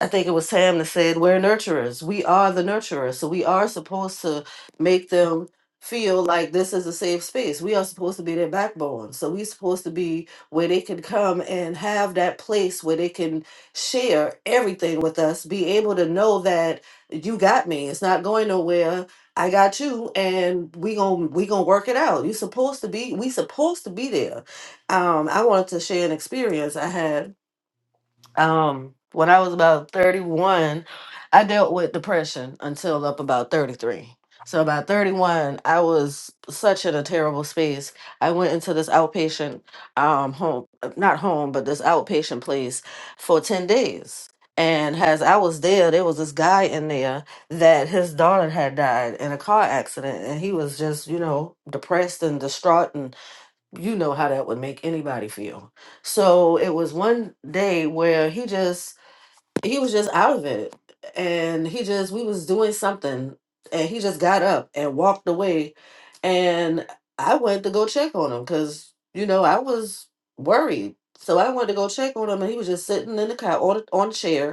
Speaker 5: I think it was Tam that said, We're nurturers. We are the nurturers. So we are supposed to make them feel like this is a safe space. We are supposed to be their backbone. So we're supposed to be where they can come and have that place where they can share everything with us, be able to know that you got me. It's not going nowhere. I got you and we going we going to work it out. You supposed to be we supposed to be there. Um I wanted to share an experience I had um, when I was about 31, I dealt with depression until up about 33. So about 31, I was such in a terrible space. I went into this outpatient um home, uh, not home, but this outpatient place for 10 days. And as I was there, there was this guy in there that his daughter had died in a car accident and he was just, you know, depressed and distraught you know how that would make anybody feel. So it was one day where he just he was just out of it and he just we was doing something and he just got up and walked away and I went to go check on him cuz you know I was worried. So I went to go check on him and he was just sitting in the car on, on a chair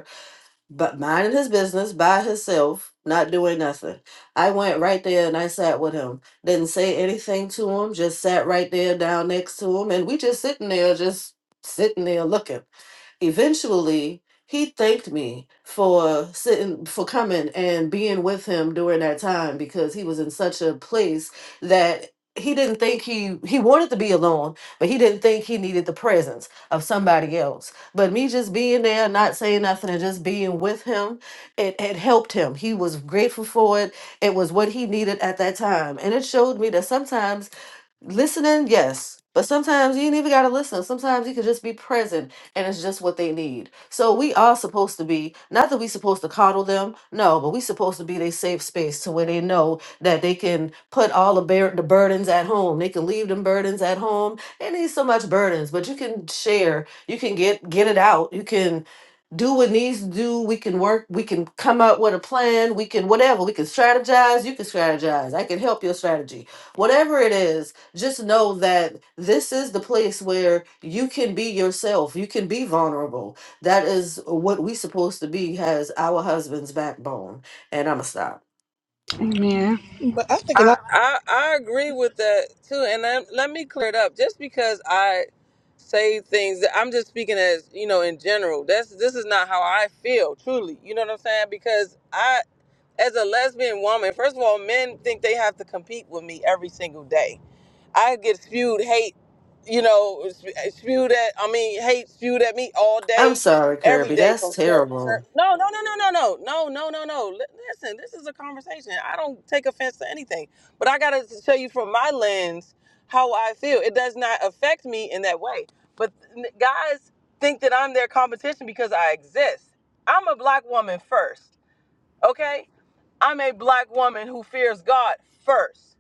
Speaker 5: but minding his business by himself, not doing nothing. I went right there and I sat with him. Didn't say anything to him, just sat right there down next to him. And we just sitting there, just sitting there looking. Eventually, he thanked me for sitting, for coming and being with him during that time because he was in such a place that he didn't think he he wanted to be alone but he didn't think he needed the presence of somebody else but me just being there, not saying nothing, and just being with him, it had helped him. He was grateful for it. It was what he needed at that time. And it showed me that sometimes Listening, yes. But sometimes you ain't even gotta listen. Sometimes you can just be present and it's just what they need. So we are supposed to be, not that we supposed to coddle them, no, but we supposed to be their safe space to where they know that they can put all the bear, the burdens at home. They can leave them burdens at home. They need so much burdens, but you can share, you can get get it out, you can do what needs to do. We can work, we can come up with a plan, we can whatever, we can strategize, you can strategize. I can help your strategy whatever it is just know that this is the place where you can be yourself you can be vulnerable that is what we supposed to be has our husband's backbone and i'ma stop
Speaker 1: Amen.
Speaker 3: But I think a
Speaker 7: I
Speaker 3: lot
Speaker 7: I, I agree with that too. And then, let me clear it up. Just because I say things, that I'm just speaking as you know in general. That's this is not how I feel. Truly, you know what I'm saying? Because I, as a lesbian woman, first of all, men think they have to compete with me every single day I get spewed hate, you know, sp- spewed at, I mean, hate spewed at me all
Speaker 5: i'm
Speaker 7: day,
Speaker 5: sorry
Speaker 7: every
Speaker 5: kirby
Speaker 7: day
Speaker 5: that's
Speaker 7: from certain.
Speaker 5: terrible
Speaker 7: Cer- no, no, no, no, no, no, no, no, no, no. Li- Listen, this is a conversation. I don't take offense to anything, but I gotta tell you from my lens how I feel. It does not affect me in that way. But n- guys think that I'm their competition because I exist. I'm a black woman first, okay? I'm a black woman who fears God first.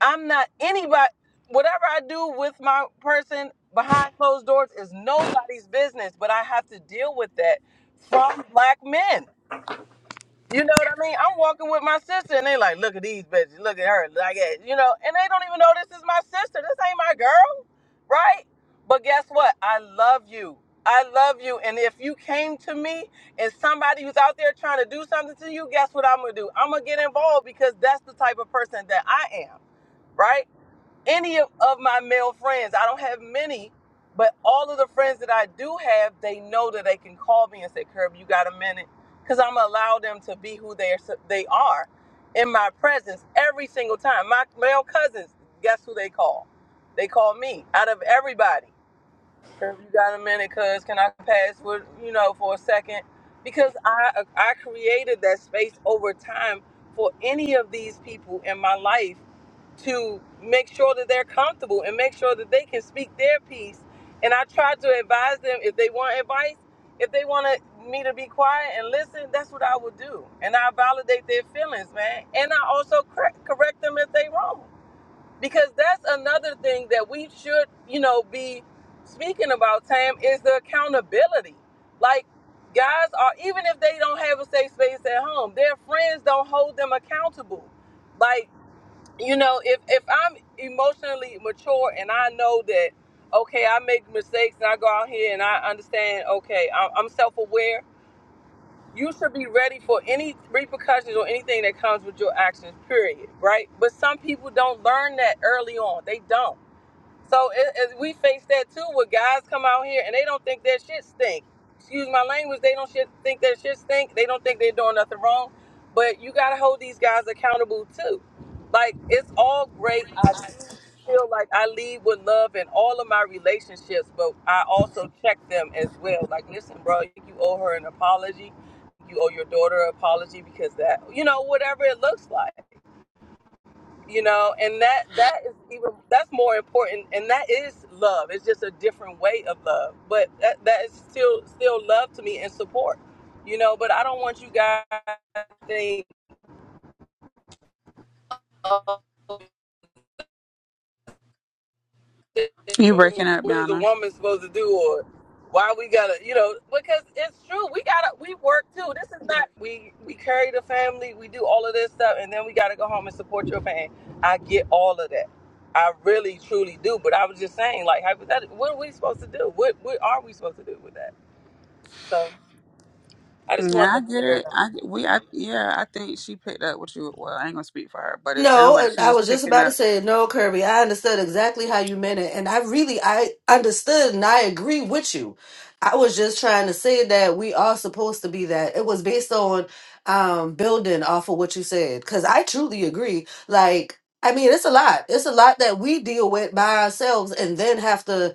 Speaker 7: I'm not anybody. Whatever I do with my person behind closed doors is nobody's business, but I have to deal with that from black men. You know what I mean? I'm walking with my sister, and they like, look at these bitches, look at her, like that, you know, and they don't even know this is my sister. This ain't my girl, right? But guess what? I love you. I love you. And if you came to me and somebody who's out there trying to do something to you, guess what I'm gonna do? I'm gonna get involved because that's the type of person that I am, right? any of, of my male friends. I don't have many, but all of the friends that I do have, they know that they can call me and say, "Curb, you got a minute?" Because I'm going to allow them to be who they are, so, they are in my presence every single time. My male cousins, guess who they call? They call me out of everybody if you got a minute, cuz can I pass with you know for a second? Because I I created that space over time for any of these people in my life to make sure that they're comfortable and make sure that they can speak their piece. And I try to advise them if they want advice, if they want to, me to be quiet and listen, that's what I would do. And I validate their feelings, man. And I also cor- correct them if they wrong because that's another thing that we should, you know, be speaking about, Tam, is the accountability. Like, guys are, even if they don't have a safe space at home, their friends don't hold them accountable. Like, you know, if, if I'm emotionally mature and I know that, okay, I make mistakes and I go out here and I understand, okay, I- am self aware you should be ready for any repercussions or anything that comes with your actions period right but some people don't learn that early on they don't so as we face that too, where guys come out here and they don't think their shit stink. Excuse my language, they don't shit, think their shit stink. They don't think they're doing nothing wrong. But you gotta hold these guys accountable too. Like it's all great. I do feel like I lead with love in all of my relationships, but I also check them as well. Like, listen, bro, you owe her an apology. You owe your daughter an apology because that, you know, whatever it looks like you know and that that is even that's more important and that is love it's just a different way of love but that, that is still still love to me and support you know but i don't want you guys to think oh, <laughs>
Speaker 1: You breaking up,
Speaker 7: what is a
Speaker 1: Yana?
Speaker 7: woman supposed to do or why we gotta you know because it's true we gotta we work too this is not we we carry the family we do all of this stuff and then we gotta go home and support your man i get all of that i really truly do but i was just saying like hypothetically what are we supposed to do what what are we supposed to do with that so i just wanted
Speaker 1: Yeah,
Speaker 7: to
Speaker 1: I get
Speaker 7: clear
Speaker 1: it.
Speaker 7: it up
Speaker 1: I we I yeah, I think she picked up what you. Well, I ain't gonna speak for her, but it
Speaker 5: No,
Speaker 1: sounded like
Speaker 5: and
Speaker 1: she
Speaker 5: I
Speaker 1: was
Speaker 5: was just
Speaker 1: picking
Speaker 5: about
Speaker 1: up.
Speaker 5: to say no, Kirby. I understood exactly how you meant it, and I really I understood and I agree with you. I was just trying to say that we are supposed to be that. It was based on um building off of what you said cuz I truly agree. Like I mean, it's a lot. It's a lot that we deal with by ourselves and then have to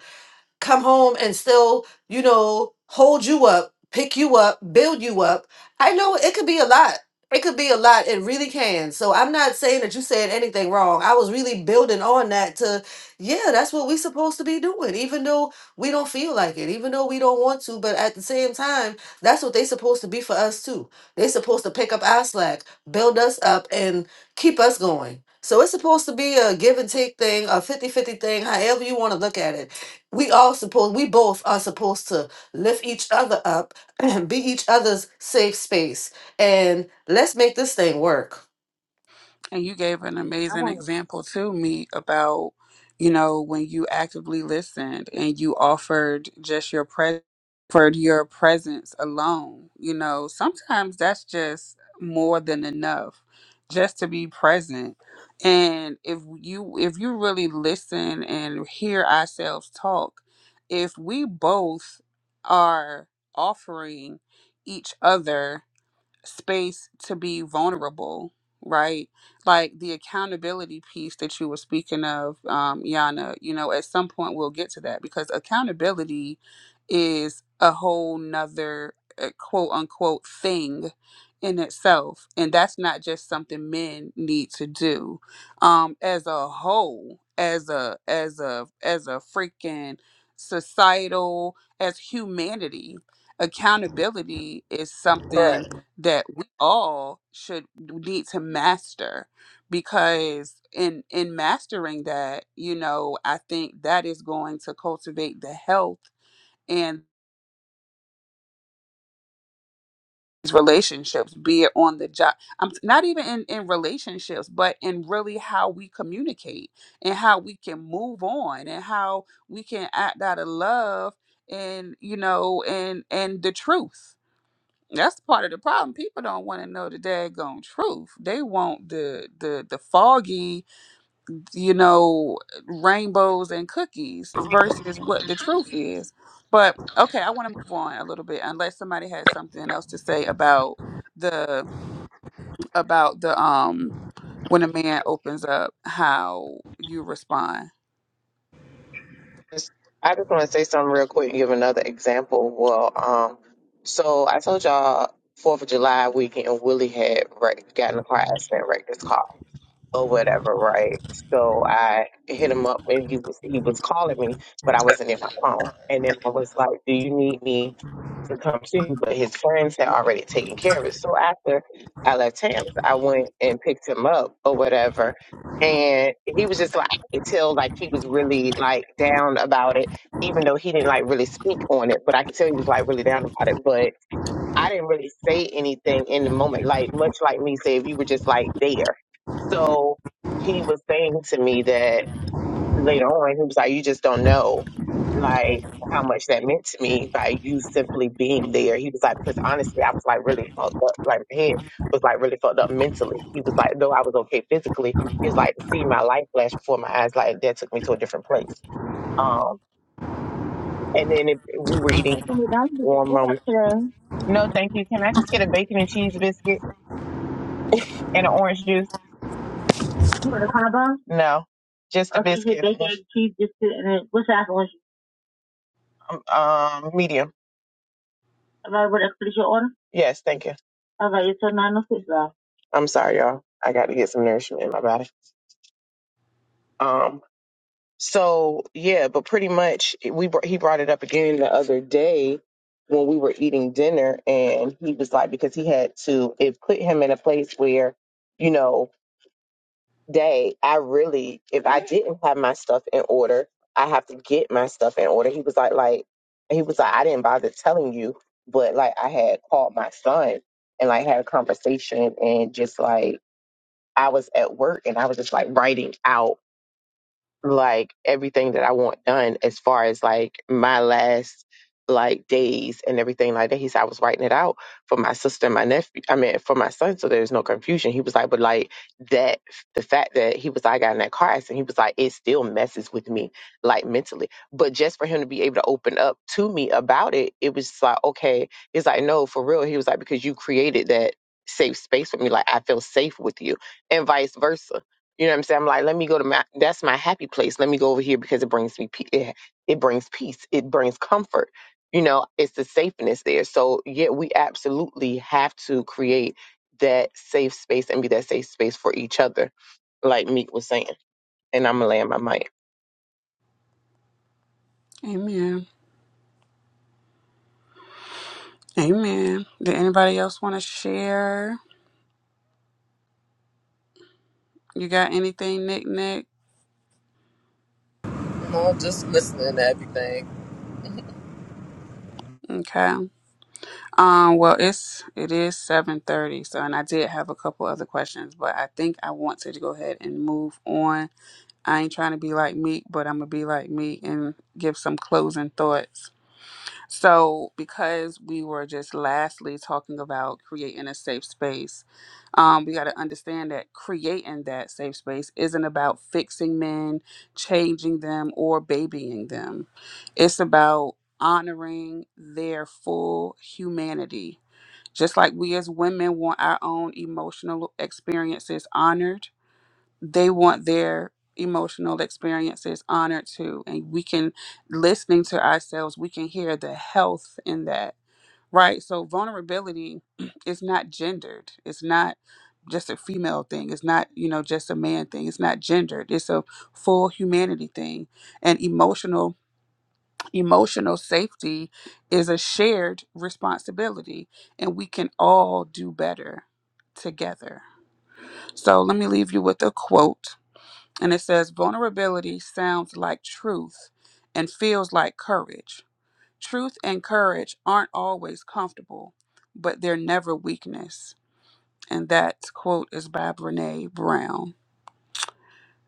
Speaker 5: come home and still, you know, hold you up, pick you up, build you up. I know it could be a lot. It could be a lot. It really can. So I'm not saying that you said anything wrong. I was really building on that to, yeah, that's what we supposed to be doing, even though we don't feel like it, even though we don't want to. But at the same time, that's what they supposed to be for us too. they supposed to pick up our slack, build us up, and keep us going. So it's supposed to be a give and take thing, a 50 50 thing, however you want to look at it we all supposed we both are supposed to lift each other up <clears throat> and be each other's safe space and let's make this thing work
Speaker 1: And you gave an amazing example to me about, you know, when you actively listened and you offered just your pre- offered your presence alone. You know, sometimes that's just more than enough, just to be present. And if you if you really listen and hear ourselves talk, if we both are offering each other space to be vulnerable, right? Like the accountability piece that you were speaking of, um, Yana, you know, at some point we'll get to that because accountability is a whole nother uh, quote unquote thing in itself. And that's not just something men need to do. Um, as a whole, as a as a as a freaking societal, as humanity, accountability is something
Speaker 7: right
Speaker 1: that we all should need to master because in in mastering that you know i think that is going to cultivate the health and these relationships be it on the job i'm not even in in relationships but in really how we communicate and how we can move on and how we can act out of love and you know and and the truth That's part of the problem. People don't want to know the daggone truth. They want the the the foggy, you know, rainbows and cookies versus what the truth is. But okay, I want to move on a little bit unless somebody has something else to say about the about the um when a man opens up how you respond.
Speaker 4: just- I just want to say something real quick and give another example. Well, um, so I told y'all Fourth of July weekend, Willie had wrecked, got in a car accident, wrecked his car or whatever, right? So I hit him up and he was he was calling me, but I wasn't in my phone. And then I was like, "Do you need me to come see you?" But his friends had already taken care of it. So after I left Tam's, I went and picked him up or whatever, and he was just like until like he was really like down about it, even though he didn't like really speak on it. But I could tell he was like really down about it. But I didn't really say anything in the moment, like much like me say if you were just like there. So he was saying to me that later on. He was like, you just don't know, like, how much that meant to me by you simply being there. He was like, because honestly, I was like really fucked up. Like, my head was like really fucked up mentally. He was like, though I was okay physically, he was like, to see my life flash before my eyes, like, that took me to a different place. Um, and then if we were eating Okay, that's good. warm What rum. up, No, thank you. Can I just get a bacon and cheese biscuit and an orange juice? You want a combo? No, just a Okay, you get biscuit. bacon, cheese, biscuit, and then what's the apple Um, um medium. Am I able to complete your order? Yes, thank you. All right, it's a 906 now. I'm sorry, y'all. I got to get some nourishment in my body. Um, so yeah, but pretty much we br- he brought it up again the other day when we were eating dinner, and he was like because he had to it put him in a place where you know day, I really, if I didn't have my stuff in order, I have to get my stuff in order. He was like, like, he was like, I didn't bother telling you, but like, I had called my son and like had a conversation and just like, I was at work and I was just like writing out like everything that I want done as far as like my last like days and everything like that. He said I was writing it out for my sister and my nephew. I mean for my son, so there's no confusion. He was like, but like that the fact that he was like, I got in that car accident, he was like, it still messes with me like mentally. But just for him to be able to open up to me about it, it was just like, okay. He's like, no, for real. He was like, because you created that safe space with me. Like I feel safe with you and vice versa you know what I'm saying? I'm like, let me go to my that's my happy place. Let me go over here because it brings me pe- it, it brings peace. It brings comfort. You know, it's the safeness there. So yeah, we absolutely have to create that safe space and be that safe space for each other, like Meek was saying. And I'm gonna land my mic.
Speaker 1: Amen. Amen. Did anybody else want to share? You got anything, Nick Nick?
Speaker 6: No, I'm just listening to everything.
Speaker 1: Okay. Um, well, it's it is seven thirty. So, and I did have a couple other questions, but I think I want to go ahead and move on. I ain't trying to be like Meek, but I'm gonna be like Meek and give some closing thoughts. So, because we were just lastly talking about creating a safe space, um, we got to understand that creating that safe space isn't about fixing men, changing them, or babying them. It's about honoring their full humanity just like we as women want our own emotional experiences honored, they want their emotional experiences honored too. And we can, listening to ourselves, we can hear the health in that, right? So vulnerability <clears throat> is not gendered. It's not just a female thing. It's not, you know, just a man thing. It's not gendered. It's a full humanity thing. And emotional Emotional safety is a shared responsibility, and we can all do better together. So, let me leave you with a quote. And it says, Vulnerability sounds like truth and feels like courage. Truth and courage aren't always comfortable, but they're never weakness. And that quote is by Brene Brown.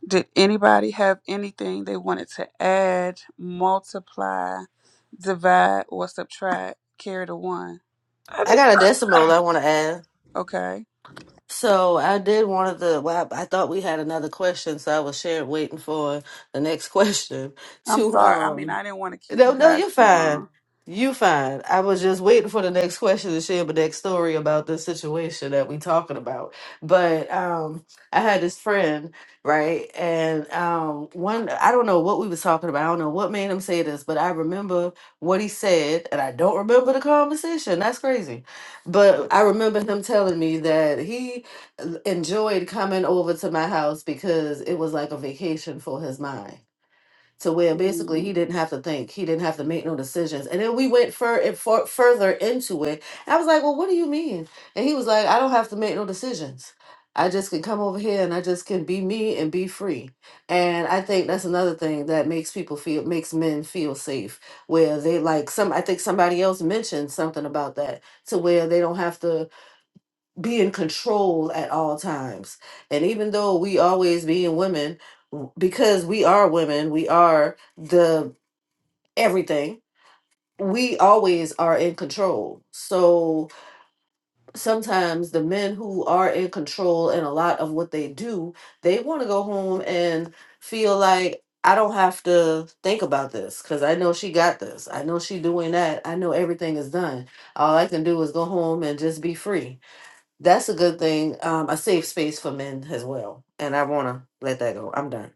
Speaker 1: Did anybody have anything they wanted to add, multiply, divide, or subtract? Carry the one.
Speaker 7: i
Speaker 5: i
Speaker 7: just,
Speaker 5: got a decimal i want to add
Speaker 1: Okay.
Speaker 5: So I did one of the. Well, I, I thought we had another question, so I was sharing waiting for the next <laughs> question
Speaker 1: I'm
Speaker 5: to
Speaker 1: sorry. I mean,
Speaker 5: um
Speaker 1: I didn't want to keep
Speaker 5: No,
Speaker 1: you
Speaker 5: no,
Speaker 1: guys
Speaker 5: you're
Speaker 1: too
Speaker 5: fine.
Speaker 1: long.
Speaker 5: You fine. I was just waiting for the next question to share the next story about this situation that we talking about. But um I had this friend, right? And um one I don't know what we was talking about. I don't know what made him say this, but I remember what he said and I don't remember the conversation. That's crazy but I remember him telling me that he enjoyed coming over to my house because it was like a vacation for his mind to where basically he
Speaker 1: Mm,
Speaker 5: didn't have to think, he didn't have to make no decisions. And then we went fur and for, further into it. And I was like, "Well, what do you mean?" And he was like, "I don't have to make no decisions. I just can come over here and I just can be me and be free." And I think that's another thing that makes people feel makes men feel safe, where they like some. I think somebody else mentioned something about that to where they don't have to be in control at all times. And even though we always being women, w- because we are women, we are the everything. We always are in control. So sometimes the men who are in control in a lot of what they do, they want to go home and feel like I don't have to think about this because I know she got this. I know she doing that. I know everything is done. All I can do is go home and just be free that's a good thing. Um, a safe space for men as well. And I wanna let that go. I'm done.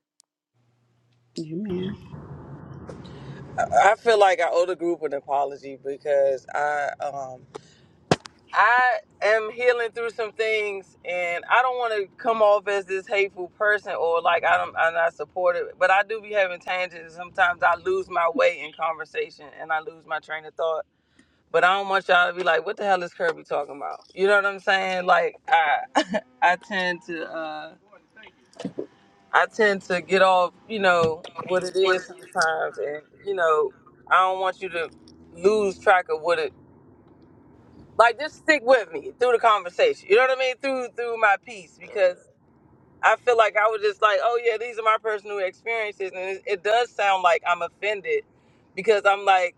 Speaker 1: amen.
Speaker 7: i feel like i owe the group an apology because i um I am healing through some things, and I don't want to come off as this hateful person or like I don't, I'm not supportive. But I do be having tangents. Sometimes I lose my way in conversation, and I lose my train of thought. But I don't want y'all to be like, "What the hell is Kirby talking about?" You know what I'm saying? Like I, <laughs> I tend to, uh, I tend to get off, you know, what it is sometimes, and you know, I don't want you to lose track of what it like just stick with me through the conversation. You know what I mean? Through through my piece because I feel like I was just like, oh yeah, these are my personal experiences, and it, it does sound like I'm offended because I'm like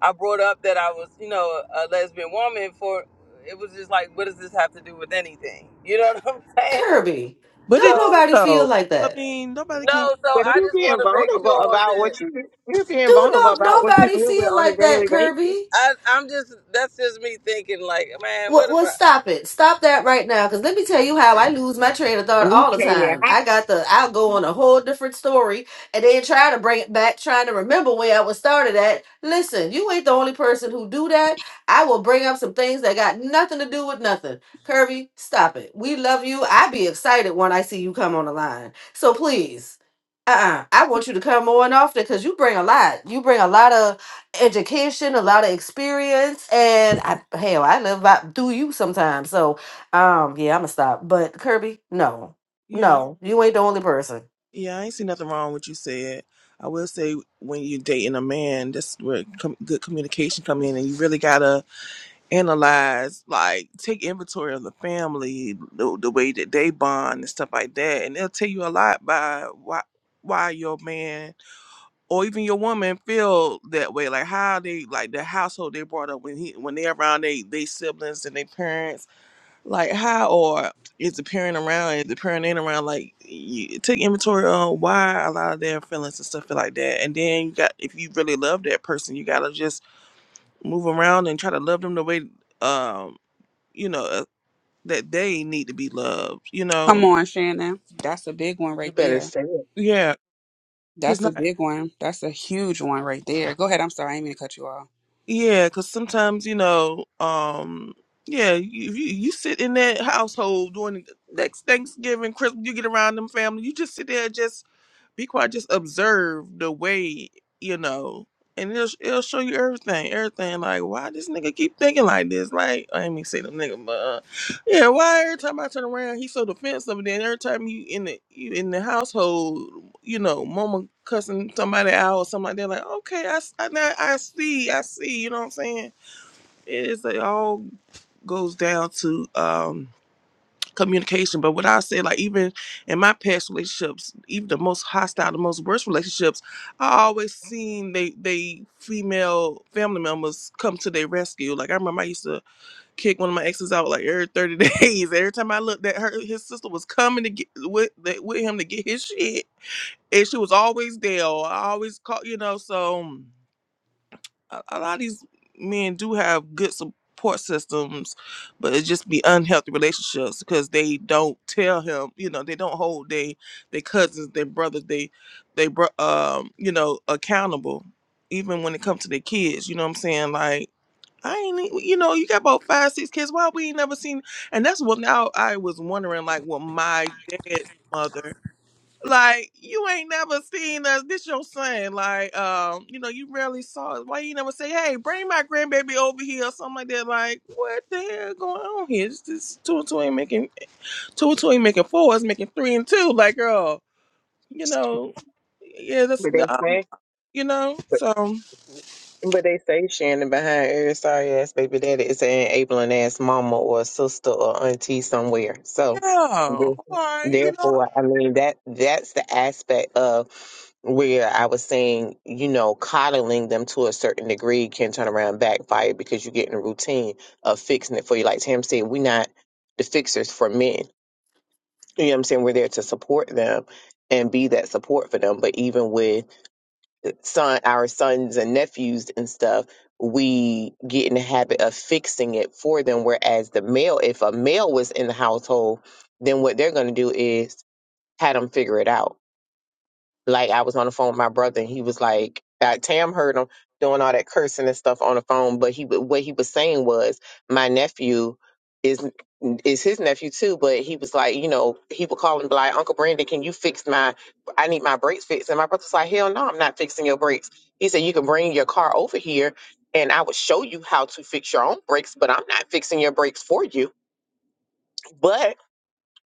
Speaker 7: I brought up that I was you know a lesbian woman for it was just like what does this have to do with anything? You know what <laughs> I'm saying?
Speaker 5: Kirby,
Speaker 3: but it
Speaker 5: don't
Speaker 7: So
Speaker 5: nobody feel
Speaker 3: though.
Speaker 5: like
Speaker 3: I
Speaker 5: that.
Speaker 3: mean nobody can
Speaker 7: no, so
Speaker 4: But
Speaker 3: no
Speaker 7: I
Speaker 4: you
Speaker 7: just want
Speaker 4: being
Speaker 7: to make
Speaker 4: vulnerable
Speaker 7: sure
Speaker 4: about
Speaker 7: that.
Speaker 4: what you you're being
Speaker 5: Do
Speaker 4: vulnerable
Speaker 5: no
Speaker 4: about what you
Speaker 5: nobody
Speaker 4: deal with
Speaker 5: feel
Speaker 4: on a
Speaker 5: like that,
Speaker 4: daily basis.
Speaker 5: Kirby.
Speaker 7: I, I'm just, that's just me thinking, like, man,
Speaker 5: Well,
Speaker 7: what am
Speaker 5: well,
Speaker 7: I?
Speaker 5: stop it. Stop that right now. Because let me tell you how I lose my train of thought all the time. I got the, I'll go on a whole different story and then try to bring it back, trying to remember where I was started at. Listen, you ain't the only person who do that. I will bring up some things that got nothing to do with nothing. Kirby, stop it. We love you. I be excited when I see you come on the line. So please, uh-uh. I want you to come on often because you bring a lot. You bring a lot of education, a lot of experience, and I hell, I live by through you sometimes. So, um, yeah, I'm gonna stop. But Kirby, no,
Speaker 3: yeah,
Speaker 5: no, you ain't the only person.
Speaker 3: yeah, I ain't see nothing wrong with what you said. I will say when you're dating a man, that's where com- good communication come in and you really gotta analyze, like take inventory of the family, the, the way that they bond and stuff like that, and they'll tell you a lot by why why your man or even your woman feel that way, like how they like the household they brought up when he when they are around they they siblings and their parents, like how or is the parent around, is the parent ain't around, like you take inventory on why a lot of their feelings and stuff like that, and then you got if you really love that person, you gotta just move around and try to love them the way. Um, you know, uh, that they need to be loved, you
Speaker 1: Come
Speaker 3: know.
Speaker 1: on, Shannon. That's a big one
Speaker 4: You
Speaker 1: right
Speaker 4: better
Speaker 1: there.
Speaker 4: say it.
Speaker 3: Yeah, cuz
Speaker 1: That's a
Speaker 3: not
Speaker 1: big one. That's a huge one right there. Go ahead. I'm sorry. I didn't mean to cut you off.
Speaker 3: yeah, cuz sometimes, you know, um yeah, you, you you sit in that household during the next Thanksgiving, Christmas, you get around them family, you just sit there just be quiet, just observe the way, you know, and it'll, it'll show you everything, everything. Like, why this nigga keep thinking like this? Like, I ain't me say them nigga, but uh, Yeah, why every time I turn around, he's so defensive. And then every time you in the you in the household, you know, mama cussing somebody out or something like that. Like, okay, I s- I, now I see, I see. You know what I'm saying? It is it all goes down to um communication. But what I said, like even in my past relationships, even the most hostile, the most worst relationships, I always seen they they female family members come to their rescue. Like I remember I used to kick one of my exes out like every 30 <laughs> days. Every time I looked at her, his sister was coming to get with that with him to get his shit. And she was always there. or I always call, you know, so mm, a, a lot of these men do have good support systems, but it just be unhealthy relationships because they don't tell him, you know, they don't hold they their cousins, their brothers, they they bro- um, you know, accountable even when it comes to their kids, you know what I'm saying? Like I ain't, e- you know, you got about five, six kids. Why we ain't never seen? And that's what now I was wondering, like, with my dad's mother, like, you ain't never seen us. This your son, like, um, you know, you rarely saw us. Why you never say, hey, bring my grandbaby over here or something like that? Like, what the hell going on here? It's just two and two ain't making two and two ain't making four. It's making three and two. Like, girl,
Speaker 4: <laughs>
Speaker 3: you
Speaker 4: Stupid.
Speaker 3: know, yeah, that's
Speaker 4: they
Speaker 3: um,
Speaker 4: say.
Speaker 3: you know, so
Speaker 4: But they say Shannon behind every sorry ass baby daddy is an enabling ass mama or sister or auntie somewhere. So
Speaker 3: yeah, all right, you know.
Speaker 4: therefore, I mean that that's the aspect of where I was saying, you know, coddling them to a certain degree can turn around backfire because you get in a routine of fixing it for you. Like Tam said, we're not the fixers for men. You know what I'm saying? We're there to support them and be that support for them. But even with son our sons and nephews and stuff we get in the habit of fixing it for them whereas the male if a male was in the household then what they're going to do is have them figure it out like I was on the phone with my brother, and he was like, uh, "Tam heard him doing all that cursing and stuff on the phone." But he, wa- what he was saying was, my nephew is is his nephew too, but he was like, you know, he would call and be like, "Uncle Brandon, can you fix my? I need my brakes fixed." And my brother's like, "Hell no, I'm not fixing your brakes." He said, "You can bring your car over here." And I would show you how to fix your own brakes, but I'm not fixing your brakes for you. But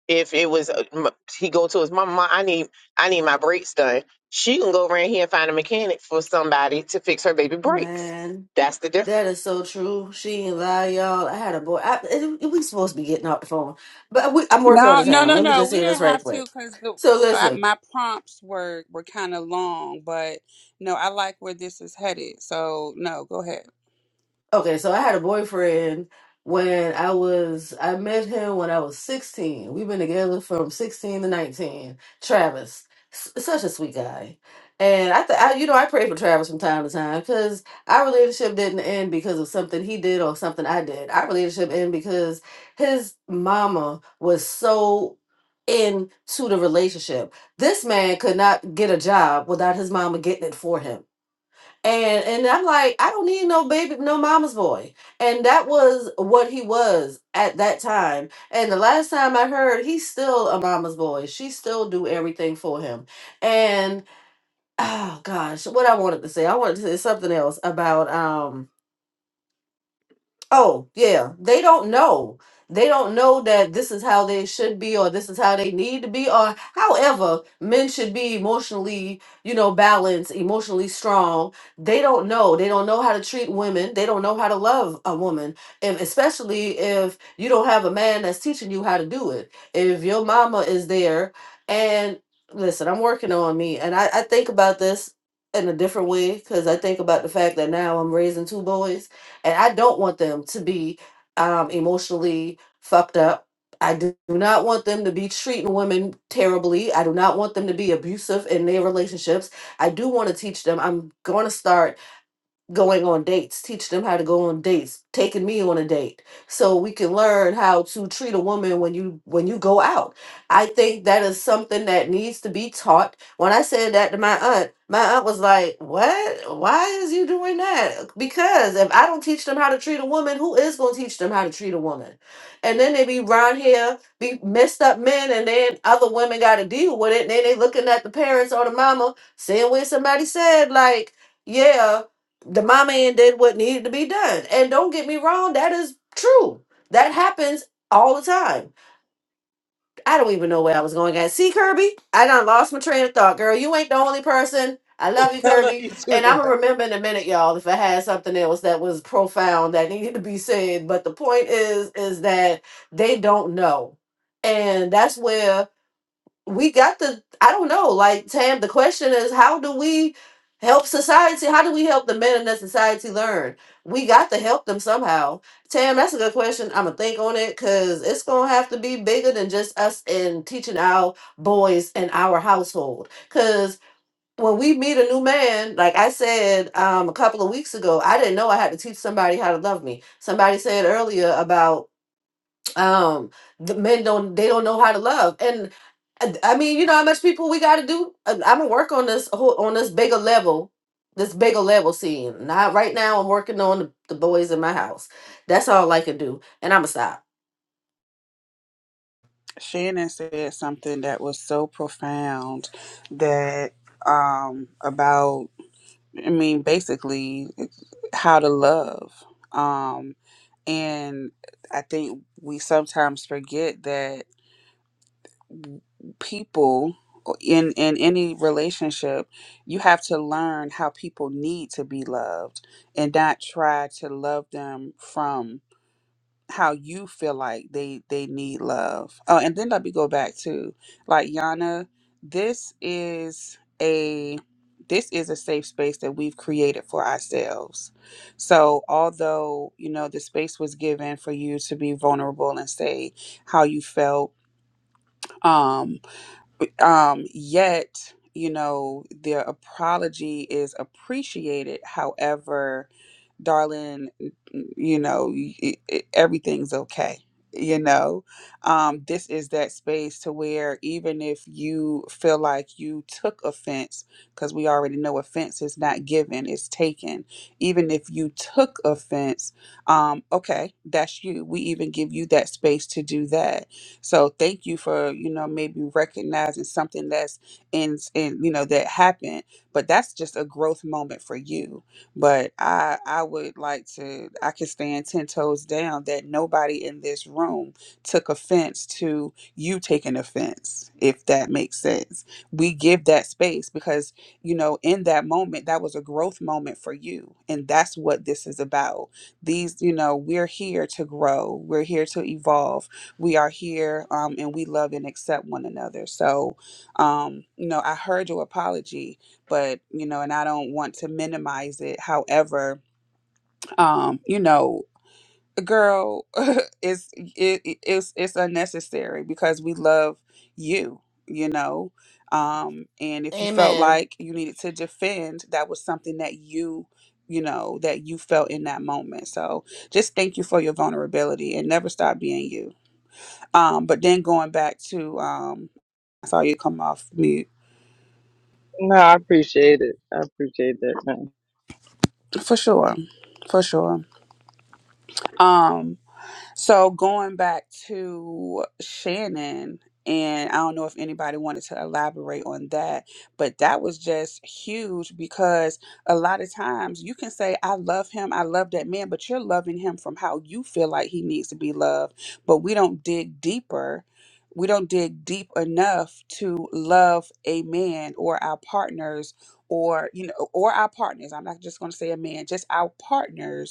Speaker 4: if it was uh, m- he go to his mom, "Mom, I need I need my brakes done. She can go around here and find a mechanic for somebody to fix her baby brakes.
Speaker 5: Man,
Speaker 4: That's the difference.
Speaker 5: that is so true. She ain't lie, y'all. I had a boy. I, it- it- we supposed to be getting off the phone, but we, I'm working on
Speaker 1: No,
Speaker 5: his
Speaker 1: no,
Speaker 5: ham.
Speaker 1: no,
Speaker 5: Let me
Speaker 1: no.
Speaker 5: just
Speaker 1: We
Speaker 5: say this
Speaker 1: didn't
Speaker 5: right
Speaker 1: have to
Speaker 5: quick.
Speaker 1: because the
Speaker 5: So
Speaker 1: I,
Speaker 5: listen.
Speaker 1: my prompts were were kind of long, but no, I like where this is headed. So no, go ahead.
Speaker 5: Okay, so I had a boyfriend when I was, I met him when I was 16. We've been together from 16 to 19. Travis, S- such a sweet guy. And I, th- I, you know, I pray for Travis from time to time because our relationship didn't end because of something he did or something I did. Our relationship ended because his mama was so into the relationship. This man could not get a job without his mama getting it for him and and I'm like, I don't need no baby, no mama's boy. And that was what he was at that time. And the last time I heard, he's still a mama's boy. She still do everything for him. And oh gosh, what I wanted to say, I wanted to say something else about um Oh, yeah. They don't know. They don't know that this is how they should be or this is how they need to be or however men should be emotionally, you know, balanced, emotionally strong. They don't know. They don't know how to treat women. They don't know how to love a woman. And especially if you don't have a man that's teaching you how to do it. If your mama is there and listen, I'm working on me and I, I think about this in a different way because I think about the fact that now I'm raising two boys and I don't want them to be um, emotionally fucked up. I do not want them to be treating women terribly. I do not want them to be abusive in their relationships. I do want to teach them. I'm going to start going on dates, teach them how to go on dates, taking me on a date so we can learn how to treat a woman when you when you go out. I think that is something that needs to be taught. When I said that to my aunt, my aunt was like, "What? Why is you doing that?" Because if I don't teach them how to treat a woman, who is going to teach them how to treat a woman? And then they be round here, be messed up men, and then other women got to deal with it. And then they looking at the parents or the mama, saying what somebody said, like, "Yeah, the my man did what needed to be done. And don't get me wrong, that is true. That happens all the time. I don't even know where I was going at. See, Kirby, I done lost my train of thought, girl. You ain't the only person. I love you,
Speaker 7: <laughs> I love
Speaker 5: Kirby.
Speaker 7: you too.
Speaker 5: And I'm gonna
Speaker 7: man.
Speaker 5: remember in a minute, y'all, if I had something else that was profound that needed to be said. But the point is, is that they don't know. And that's where we got to. i don't know like tam the question is how do we help society how do we help the men in that society learn we got to help them somehow tam that's a good question i'm gonna think on it because it's gonna have to be bigger than just us and teaching our boys in our household because when we meet a new man like i said um, a couple of weeks ago i didn't know i had to teach somebody how to love me somebody said earlier about um the men don't they don't know how to love and uh, i mean you know how much people we got to do i'm gonna work on this whole on this bigger level this bigger level scene not right now i'm working on the, the boys in my house that's all i can do and i'm gonna stop
Speaker 1: Shannon said something that was so profound that um about I mean basically how to love. Um and I think we sometimes forget that people in in any relationship you have to learn how people need to be loved and not try to love them from how you feel like they they need love. Oh, and then let me go back to like Yana. This is a this is a safe space that we've created for ourselves. So, although you know the space was given for you to be vulnerable and say how you felt, um, um, yet you know the apology is appreciated. However darling, you know, y- y- e, everything's okay. You know, um, this is that space to where even if you feel like you took offense, because we already know offense is not given, it's taken. Even if you took offense, um, okay, that's you. We even give you that space to do that. So thank you for, you know, maybe recognizing something that's in, in you know, that happened, but that's just a growth moment for you but I I would like to I could stand ten toes down that nobody in this room took offense to you taking offense, if that makes sense. We give that space because, you know, in that moment that was a growth moment for you. And that's what this is about. These, you know, we're here to grow. We're here to evolve. We are here um and we love and accept one another. So um, you know, I heard your apology but you know and i don't want to minimize it however um you know girl <laughs> it's it, it- it's it's unnecessary because we love you you know um and if you felt
Speaker 5: amen
Speaker 1: like you needed to defend that was something that you you know that you felt in that moment so just thank you for your vulnerability and never stop being you um but then going back to um i saw you come off mute
Speaker 7: No, I appreciate it. I appreciate that.
Speaker 1: for sure for sure Um, So going back to Shannon, and I don't know if anybody wanted to elaborate on that, but that was just huge because a lot of times you can say, I love him, I love that man, but you're loving him from how you feel like he needs to be loved. But we don't dig deeper. We don't dig deep enough to love a man or our partners or, you know, or our partners. I'm not just going to say a man, just our partners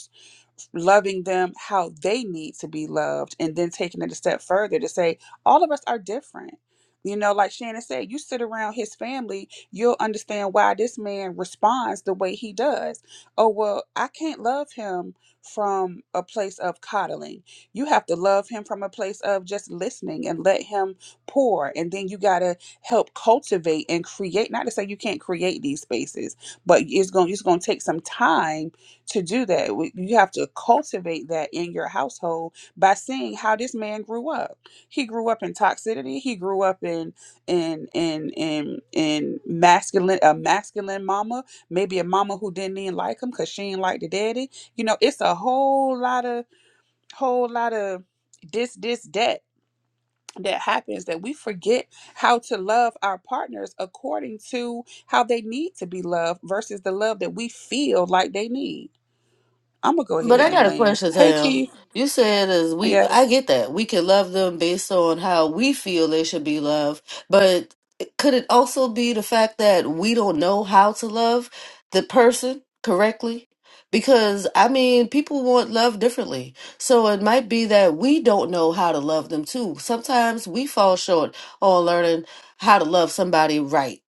Speaker 1: loving them how they need to be loved and then taking it a step further to say all of us are different you know like shannon said you sit around his family you'll understand why this man responds the way he does oh well i can't love him from a place of coddling you have to love him from a place of just listening and let him pour and then you got to help cultivate and create not to say you can't create these spaces but it's going it's going to take some time to do that. W- You have to cultivate that in your household by seeing how this man grew up. He grew up in toxicity. He grew up in in in in in masculine a masculine mama, maybe a mama who didn't even like him because she didn't like the daddy. You know, it's a whole lot of whole lot of this this that that happens that we forget how to love our partners according to how they need to be loved versus the love that we feel like they need I'm gonna go
Speaker 5: But
Speaker 1: ahead
Speaker 5: I
Speaker 1: and
Speaker 5: got a
Speaker 1: land.
Speaker 5: question,
Speaker 1: Hey,
Speaker 5: Tam.
Speaker 1: Keith.
Speaker 5: You said as we
Speaker 1: Yeah.
Speaker 5: I get that. We can love them based on how we feel they should be loved, but could it also be the fact that we don't know how to love the person correctly? Because I mean, people want love differently. So it might be that we don't know how to love them too. Sometimes we fall short on learning how to love somebody right.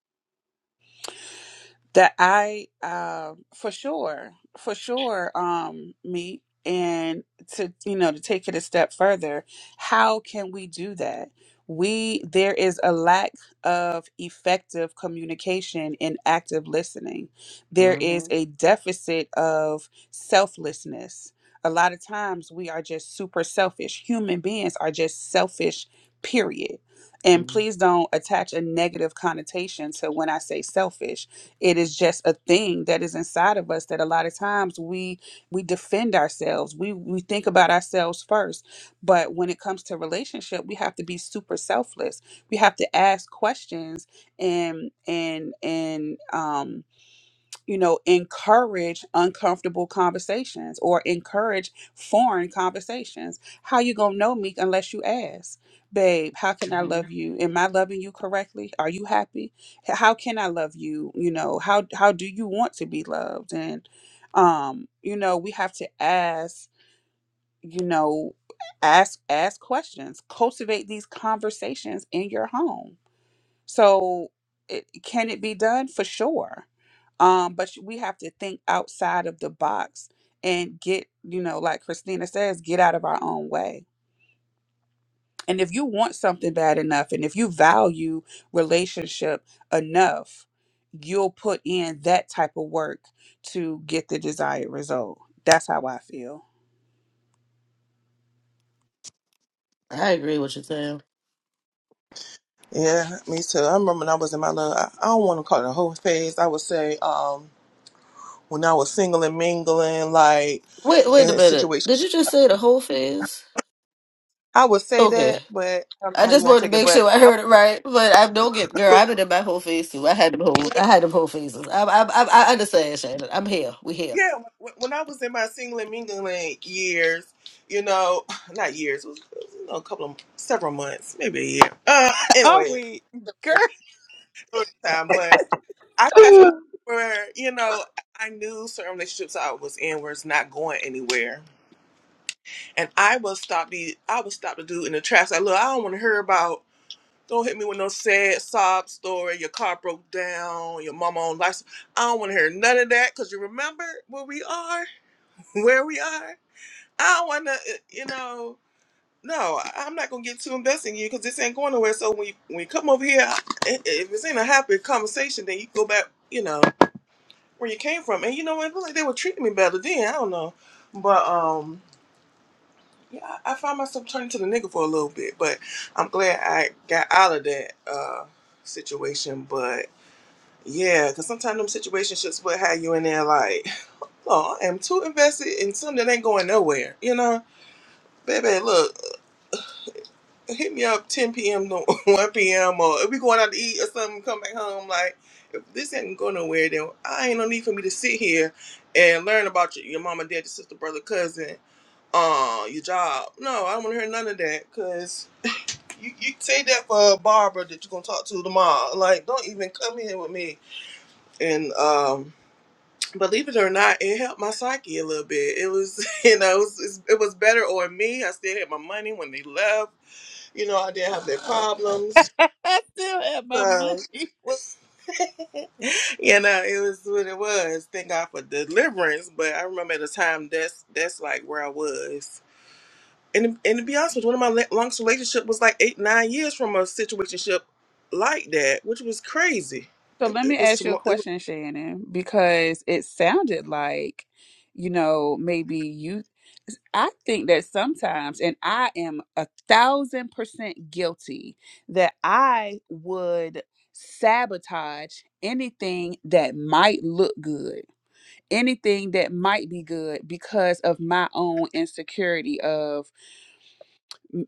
Speaker 1: that I um for sure, for sure, um, me and to you know to take it a step further, how can we do that? We there is a lack of effective communication and active listening. There is
Speaker 5: hmm
Speaker 1: a deficit of selflessness. A lot of times we are just super selfish. Human beings are just selfish, period. And please don't attach a negative connotation to when I say selfish it is just a thing that is inside of us that a lot of times we we defend ourselves. We we think about ourselves first. But when it comes to relationship, we have to be super selfless. We have to ask questions and and and um you know, encourage uncomfortable conversations or encourage foreign conversations. How you gonna know Meek unless you ask, babe? How can I
Speaker 5: hmm
Speaker 1: love you? Am I loving you correctly? Are you happy? H- How can I love you? You know, how how do you want to be loved? And um, you know, we have to ask. You know, ask ask questions. Cultivate these conversations in your home so, it, can it be done? For sure. Um, but we have to think outside of the box and get, you know, like Christina says, get out of our own way. And if you want something bad enough and if you value relationship enough, you'll put in that type of work to get the desired result. That's how I feel.
Speaker 5: I agree with you, Tam.
Speaker 3: Yeah, me too. I remember when I was in my little, I I don't want to call it a whole phase. I would say um, when I was single and mingling, like
Speaker 5: Wait, wait a
Speaker 3: in
Speaker 5: minute. Did
Speaker 3: situations,
Speaker 5: you just say the whole phase?
Speaker 3: I would say
Speaker 5: Okay.
Speaker 3: that, but I don't know
Speaker 5: I
Speaker 3: how you
Speaker 5: just
Speaker 3: want
Speaker 5: wanted
Speaker 3: to take
Speaker 5: to
Speaker 3: it.
Speaker 5: make
Speaker 3: But
Speaker 5: sure I
Speaker 3: I,
Speaker 5: heard it right, but I don't get
Speaker 3: <laughs>
Speaker 5: girl. I've been in my whole phase too. I had them whole, I had them whole phases. I, I, I, I understand, Shannon. I'm here. We here.
Speaker 3: yeah, when when I was in my single and mingling years, you know, <sighs> not years, it was, it was, you know, a couple of, several months, maybe a year. Uh,
Speaker 1: <laughs> Are
Speaker 3: anyway, it
Speaker 1: we, girl,
Speaker 3: was time, but I got to the point where, you know, I knew certain relationships I was in was not going anywhere And I will stop the I will stop the dude in the tracks. Like, look, I don't want to hear about. Don't hit me with no sad sob story. Your car broke down. Your mama on life. I don't want to hear none of that. Cause you remember where we are, <laughs> where we are. I don't want to. You know, no, I- I'm not gonna get too invested in you because this ain't going nowhere. So when you, when you come over here, I- i- if it's ain't a happy conversation, then you go back. You know where you came from. And you know what? It feel Like they were treating me better then. I don't know, but um. Yeah, I, I find myself turning to the nigga for a little bit, but I'm glad I got out of that uh, situation. But yeah, because sometimes them situationships will have you in there like, oh, I am too invested in something that ain't going nowhere, you know? Baby, look, hit me up 10 p.m. to <laughs> 1 p.m. or if we going out to eat or something, come back home. Like, if this ain't going nowhere, then I ain't no need for me to sit here and learn about your, your mama, dad, your sister, brother, cousin, uh, your job. No, I don't want to hear none of that, 'cause You, you say that for Barbara that you're gonna talk to tomorrow. Like, don't even come here with me. And um, believe it or not, it helped my psyche a little bit. It was, <laughs> you know, it was, it was better on me. I still had my money when they left. You know, I didn't have their problems.
Speaker 1: <laughs> I still have my
Speaker 3: So,
Speaker 1: money. <laughs>
Speaker 3: you know, it was what it was. Thank God for deliverance. But I remember at the time that's that's like where I was. and and to be honest with you, one of my la- longest relationship was like eight nine years from a situationship like that, which was crazy.
Speaker 1: So
Speaker 3: It,
Speaker 1: let me
Speaker 3: it was
Speaker 1: ask you a
Speaker 3: tomorrow. It was
Speaker 1: question, Shannon, because it sounded like, you know, maybe you. I think that sometimes, and I am a thousand percent guilty, that I would sabotage anything that might look good, anything that might be good because of my own insecurity of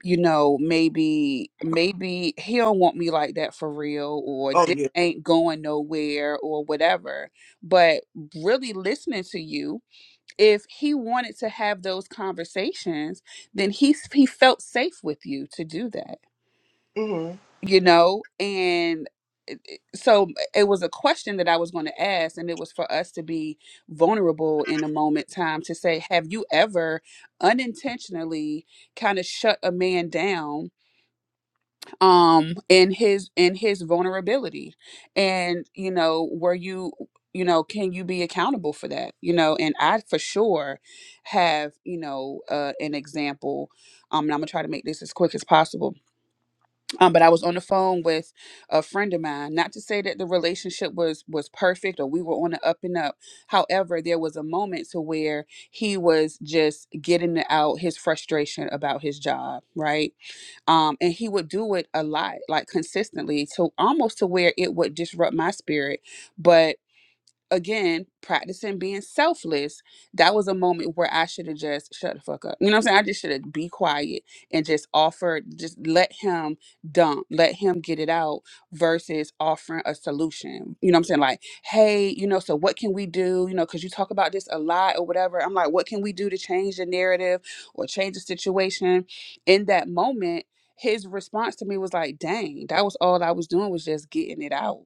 Speaker 1: you know, maybe maybe he don't want me like that for real, or
Speaker 3: oh
Speaker 1: this
Speaker 3: yeah.
Speaker 1: ain't going nowhere, or whatever. But really listening to you, if he wanted to have those conversations, then he s- he felt safe with you to do that,
Speaker 3: Mm-hmm.
Speaker 1: you know, and. So it was a question that I was going to ask, and it was for us to be vulnerable in a moment time to say, Have you ever unintentionally kind of shut a man down um in his in his vulnerability and you know were you you know can you be accountable for that you know and i for sure have you know uh an example um and i'm gonna try to make this as quick as possible um but i was on the phone with a friend of mine not to say that the relationship was was perfect or we were on the up and up however there was a moment to where he was just getting out his frustration about his job right um, and he would do it a lot like consistently to almost to where it would disrupt my spirit but again, practicing being selfless, that was a moment where I should have just shut the fuck up. You know what I'm saying? I just should have be quiet and just offered, just let him dump, let him get it out versus offering a solution. You know what I'm saying? Like, hey, you know, so what can we do? You know, because you talk about this a lot or whatever. I'm like, what can we do to change the narrative or change the situation? In that moment, his response to me was like, dang, that was all I was doing was just getting it out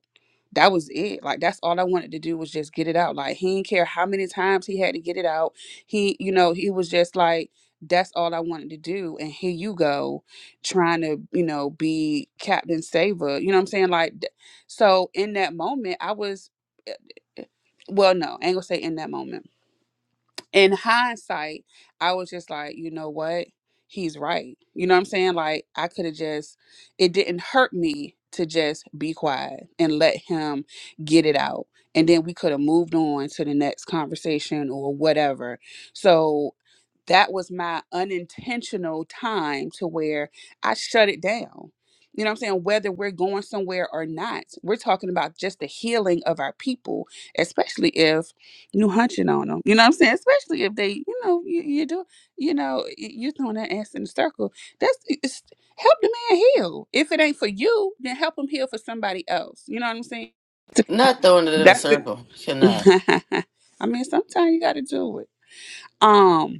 Speaker 1: that was it. Like that's all I wanted to do was just get it out. Like he didn't care how many times he had to get it out. He, you know, he was just like, that's all I wanted to do. And here you go, trying to, you know, be Captain Saver. You know what I'm saying? Like, th- so in that moment, I was, eh, well, no, I ain't gonna say in that moment in hindsight, I was just like, you know what? He's right. You know what I'm saying? Like, I could have just, it didn't hurt me to just be quiet and let him get it out. And then we could have moved on to the next conversation or whatever. So that was my unintentional time to where I shut it down. You know what I'm saying? Whether we're going somewhere or not, we're talking about just the healing of our people, especially if you hunching on them. You know what I'm saying? Especially if they, you know, you, you do, you know, y- you throwing that ass in a circle. That's it's, help the man heal. If it ain't for you, then help him heal for somebody else. You know what I'm saying?
Speaker 5: Not throwing it in a
Speaker 1: That's
Speaker 5: circle.
Speaker 1: it.
Speaker 5: Cannot.
Speaker 1: <laughs> I mean, sometimes you got to do it. Um,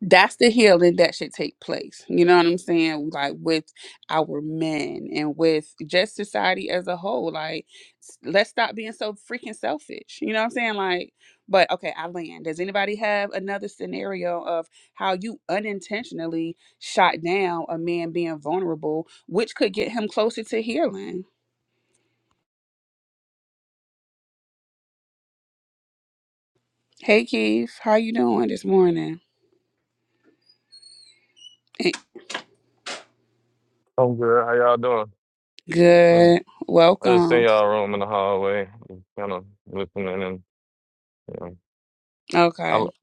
Speaker 1: that's the healing that should take place. You know what I'm saying? Like with our men and with just society as a whole. Like, s- let's stop being so freaking selfish. You know what I'm saying? Like, but okay, I land. Does anybody have another scenario of how you unintentionally shot down a man being vulnerable, which could get him closer to healing? Hey Keith, how you doing this morning? Eh,
Speaker 8: I'm good. How y'all doing? Mm,
Speaker 1: Good.
Speaker 8: I just seen
Speaker 1: Welcome.
Speaker 8: y'all room in the hallway, kind of listening and you know, I,
Speaker 1: Okay.
Speaker 8: l-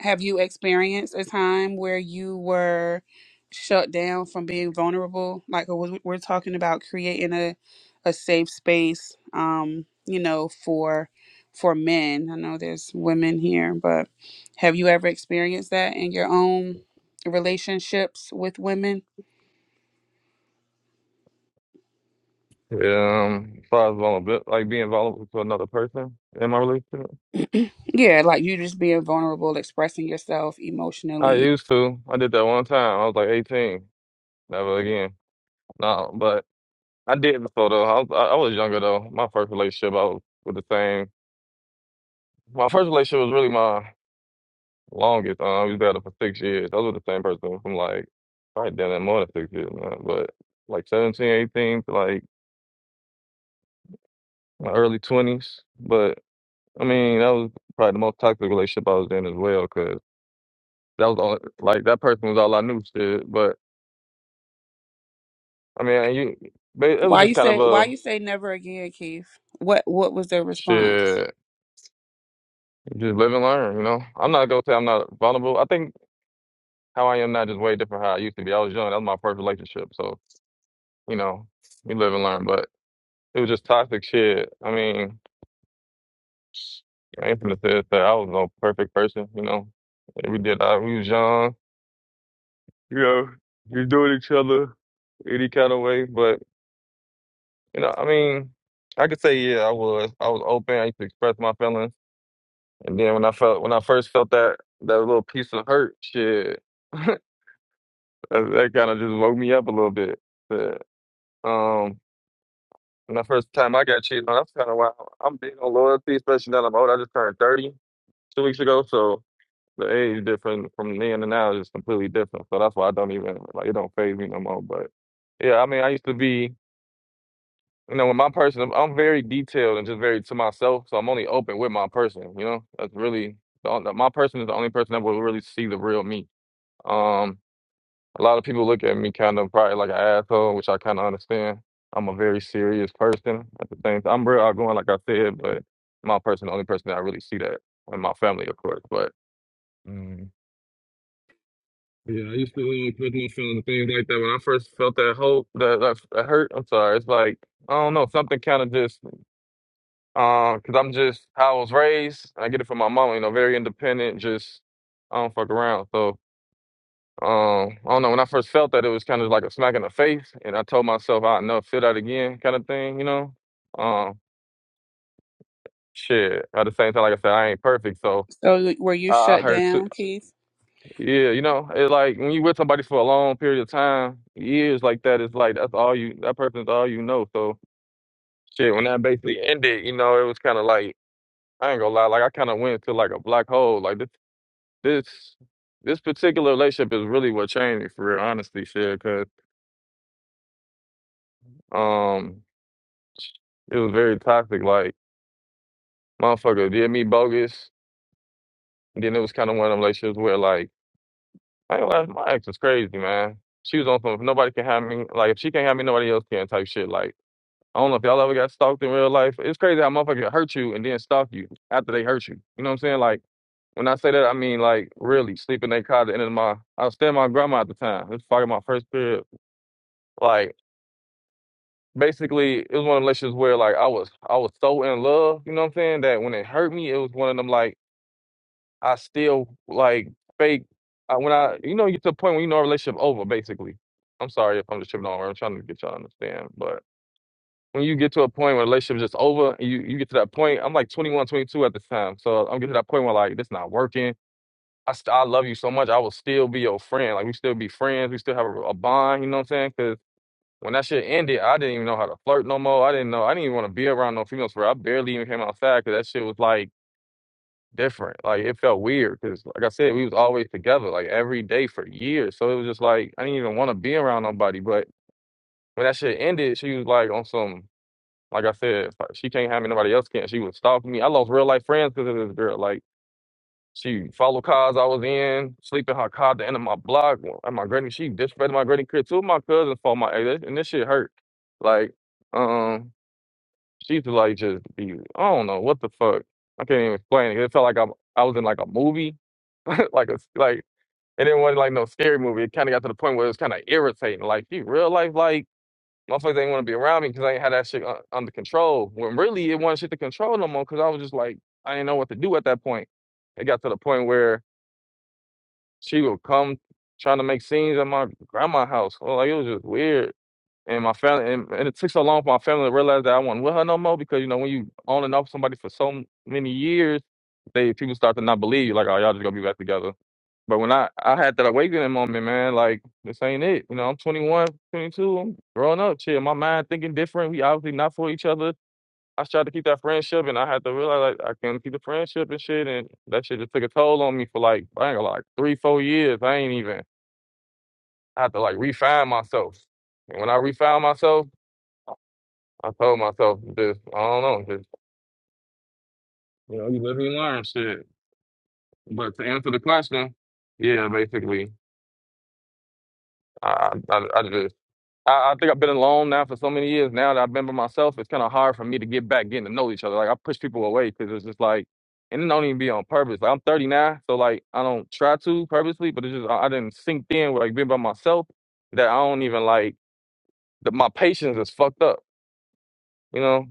Speaker 1: Have you experienced a time where you were shut down from being vulnerable? Like we- we're talking about creating a a safe space, um, you know, for for men. I know there's women here, but have you ever experienced that in your own relationships with women?
Speaker 8: yeah, um, as far as vulnerable, like being vulnerable to another person in my relationship,
Speaker 1: Yeah, like you just being vulnerable, expressing yourself
Speaker 8: I
Speaker 1: emotionally.
Speaker 8: used to. I did that one time. I was like 18. Never again. No, but I did before though. I was, I I was younger though. My first relationship, I was with the same. My first relationship was really my longest. Uh, I was together for six years. I was with the same person from like probably damn near more than six years, man. But like 17, 18 to like my early twenties. But I mean, that was probably the most toxic relationship I was in as well, because that was all like that person was all I knew. Shit. But I mean, you, but it was
Speaker 1: Why
Speaker 8: just
Speaker 1: you
Speaker 8: kind of
Speaker 1: say
Speaker 8: a
Speaker 1: why you say never again, Keith? What what was their response?
Speaker 8: shit. Just live and learn, you know. I'm not gonna say I'm not vulnerable. I think how I am now just way different how I used to be. I was young. That was my first relationship, so you know, you live and learn. But it was just toxic shit. I mean, I ain't gonna say that I was no perfect person, you know. We did. I, we was young you know, you do it each other any kind of way. But you know, I mean, I could say yeah, I was. I was open. I used to express my feelings, and then when I felt when I first felt that that little piece of hurt, shit, that, that kind of just woke me up a little bit. But um, when the first time I got cheated on, that's kind of why I'm big on loyalty, especially now that I'm old. I just turned thirty two weeks ago, so. The age different from then and now is just completely different. So that's why I don't even like it don't phase me no more. But yeah, I mean I used to be You know, with my person, I'm, I'm very detailed and just very to myself, so I'm only open with my person. You know, that's really the, on- my person is the only person that will really see the real me. Um, a lot of people look at me kind of probably like an asshole, which I kind of understand. I'm a very serious person. At the same time, I'm real outgoing, like I said, but my person, the only person that I really see that, and my family, of course. But mm, yeah, I used to really put my feelings and things like that. When I first felt that hope, that, that that hurt, I'm sorry. It's like I don't know, something kind of just because I'm just how I was raised. and I get it from my mom, you know, very independent. Just I don't fuck around. So um, I don't know. When I first felt that, it was kind of like a smack in the face, and I told myself, "I know, feel that again," kind of thing, you know. Um, shit. At the same time, like I said, I ain't perfect, so
Speaker 1: So were you
Speaker 8: I, I
Speaker 1: shut
Speaker 8: hurt too.
Speaker 1: down, Keith?
Speaker 8: Yeah, you know, it's like when you with somebody for a long period of time, years like that, it's like that's all you. That person's all you know. So shit, when that basically ended, you know, it was kind of like. I ain't gonna lie, like I kind of went to like a black hole. Like this this this particular relationship is really what changed me for real, honestly, shit. Cause um, it was very toxic. Like motherfucker did me bogus. And then it was kind of one of them relationships where like, I ain't gonna lie, my ex was crazy, man. She was on some if nobody can have me. Like if she can't have me, nobody else can type shit. Like I don't know if y'all ever got stalked in real life. It's crazy how motherfuckers hurt you and then stalk you after they hurt you. You know what I'm saying? Like. When I say that, I mean like really sleeping in their car at the end of my. I was staying with my grandma at the time. This was fucking my first period. Like basically it was one of the relationships where like I was I was so in love, you know what I'm saying, that when it hurt me, it was one of them like I still like fake I, when I you know you get to the point when you know a relationship over basically. I'm sorry if I'm just tripping on where I'm trying to get y'all to understand, but when you get to a point where relationship's just over, and you you get to that point. I'm like 21, 22 at the time, so I'm getting to that point where like this not working. I st- I love you so much, I will still be your friend. Like we still be friends, we still have a, a bond. You know what I'm saying? 'Cause when that shit ended, I didn't even know how to flirt no more. I didn't know. I didn't even want to be around no females. For I barely even came outside because that shit was like different. Like it felt weird because, like I said, we was always together, like every day for years. So it was just like I didn't even want to be around nobody. But when that shit ended, she was like on some. Like I said, like, she can't have me. Nobody else can. She was stalking me. I lost real life friends because of this girl. Like. She followed cars I was in, sleeping her car at the end of my block. And my granny, she disrespected my granny kid. Two of my cousins fought my ex, and this shit hurt. Like, um, she used to like just be, I don't know what the fuck. I can't even explain it. It felt like I'm, I was in like a movie, <laughs> like a like. it did not want like no scary movie. It kind of got to the point where it was kind of irritating. Like, you real life, like motherfuckers ain't want to be around me because I ain't had that shit uh, under control. When really it wasn't shit to control no more because I was just like, I didn't know what to do at that point. It got to the point where she would come trying to make scenes at my grandma's house. Well, like it was just weird. And my family, and, and it took so long for my family to realize that I wasn't with her no more because you know when you on and off somebody for so m- many years, they people start to not believe you. Like, oh, y'all just gonna be back together. But when I I had that awakening moment, man, like this ain't it. You know, I'm 22, I'm growing up. Shit, my mind thinking different. We obviously not for each other I tried to keep that friendship, and I had to realize like, I couldn't keep the friendship and shit, and that shit just took a toll on me for like I ain't gonna like three, four years. I ain't even. I had to like refine myself, and when I refound myself, I told myself just I don't know, just you know, you live and you learn shit. But to answer the question, yeah, basically, I I, I, I just I, I think I've been alone now for so many years. Now that I've been by myself, it's kind of hard for me to get back, getting to know each other. Like I push people away because it's just like, and it don't even be on purpose. Like I'm 39, so like I don't try to purposely, but it's just I, I didn't sink in with like being by myself that I don't even like. The, my patience is fucked up. You know,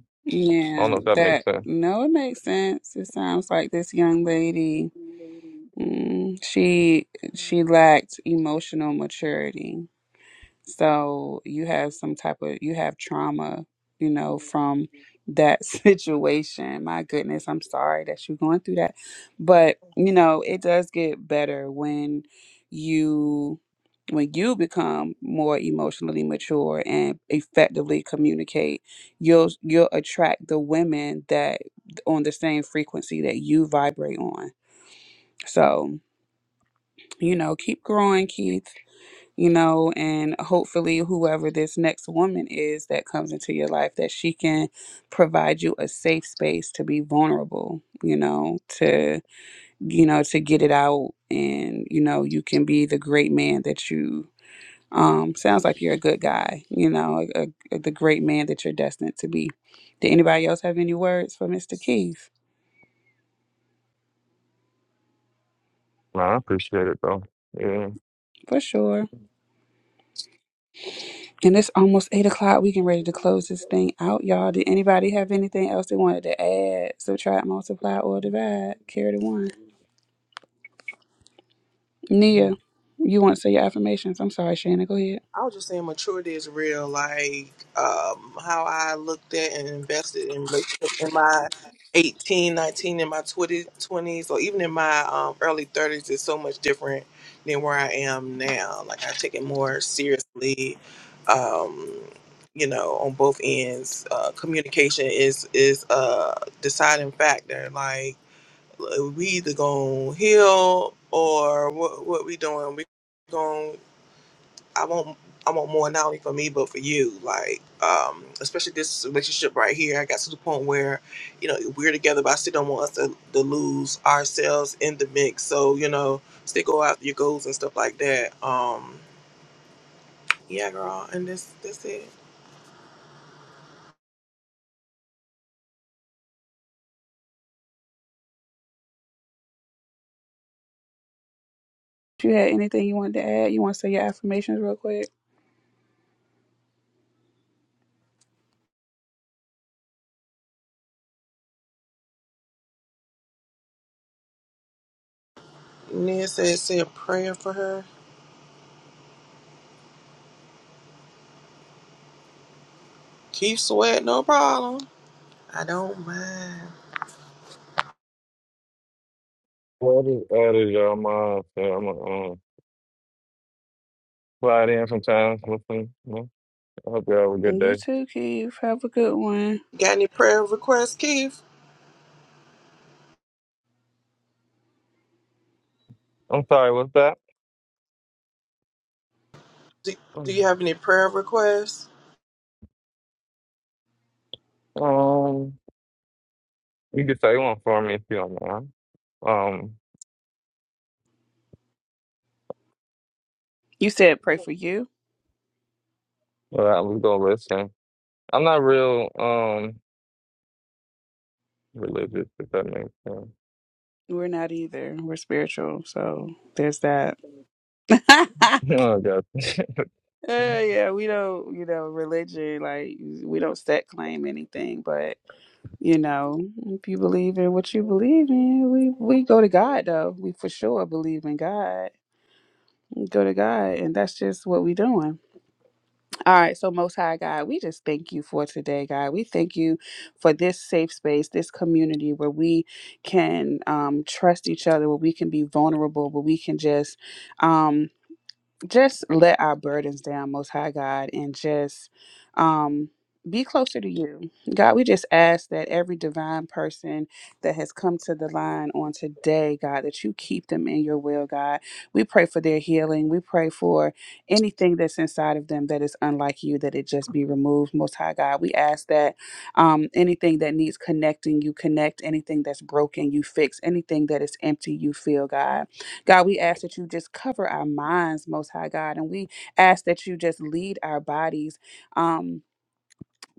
Speaker 8: I don't
Speaker 1: Yeah,
Speaker 8: know if that makes
Speaker 1: that
Speaker 8: sense.
Speaker 1: no, it makes sense. It sounds like this young lady, mm, she she lacked emotional maturity. So you have some type of you have trauma, you know, from that <laughs> situation. My goodness, I'm sorry that you're going through that. But, you know, it does get better when you when you become more emotionally mature and effectively communicate, you'll you'll attract the women that on the same frequency that you vibrate on. So, you know, keep growing, Keith you know, and hopefully whoever this next woman is that comes into your life that she can provide you a safe space to be vulnerable, you know, to you know, to get it out and you know, you can be the great man that you um sounds like you're a good guy, you know, a, a, the great man that you're destined to be. Did anybody else have any words for Mr. Keith?
Speaker 8: Nah, I appreciate it though. Yeah.
Speaker 1: For sure. And it's almost eight o'clock. We can ready to close this thing out, y'all. Did anybody have anything else they wanted to add, subtract, multiply, or divide? Carry the one. Nia, you want to say your affirmations? I'm sorry, Shannon. Go ahead.
Speaker 3: I was just saying maturity is real, like um, how I looked at and invested in relationships in my 18, 19, in my 20 twenties, or even in my um, early 30s is so much different than where I am now. Like I take it more seriously, um, you know, on both ends. Uh, communication is, is a deciding factor. Like we either going to heal or what, what we doing. We I want I want more not only for me but for you. Like, um, especially this relationship right here. I got to the point where, you know, we're together, but I still don't want us to, to lose ourselves in the mix. So you know, still go after your goals and stuff like that. Um, yeah, girl. And this that's it.
Speaker 1: you had anything you wanted to add, you want to say your affirmations real quick.
Speaker 3: Nia said said a prayer for her. Keith sweat, no problem. I don't mind.
Speaker 8: What is that? Is y'all My, I'm gonna um, slide in sometimes. Listen. I hope you have a good
Speaker 1: And you
Speaker 8: day.
Speaker 1: too, Keith. Have a good one.
Speaker 3: Got any prayer requests, Keith?
Speaker 8: I'm sorry, what's that?
Speaker 3: Do, do
Speaker 8: Um,
Speaker 3: you have any prayer requests?
Speaker 8: you can say one for me if you don't mind. Um,
Speaker 1: You said pray for you.
Speaker 8: but I was gonna listen. I'm not real um religious, if that makes sense.
Speaker 1: We're not either. We're spiritual, so there's that. <laughs>
Speaker 8: <laughs> oh God. <laughs>
Speaker 1: Uh, yeah, we don't, you know, religion. Like we don't set claim anything, but. You know, if you believe in what you believe in, we we go to God though. We for sure believe in God. We go to God, and that's just what we doing. All right, so Most High God, we just thank you for today, God. We thank you for this safe space, this community where we can um, trust each other, where we can be vulnerable, where we can just. um, just let our burdens down, Most High God, and just um, be closer to you. God, we just ask that every divine person that has come to the line on today, God, that you keep them in your will, God. We pray for their healing. We pray for anything that's inside of them that is unlike you, that it just be removed, Most High God. We ask that um, anything that needs connecting, you connect. Anything that's broken, you fix. Anything that is empty, you fill, God. God, we ask that you just cover our minds, Most High God, and we ask that you just lead our bodies. Um,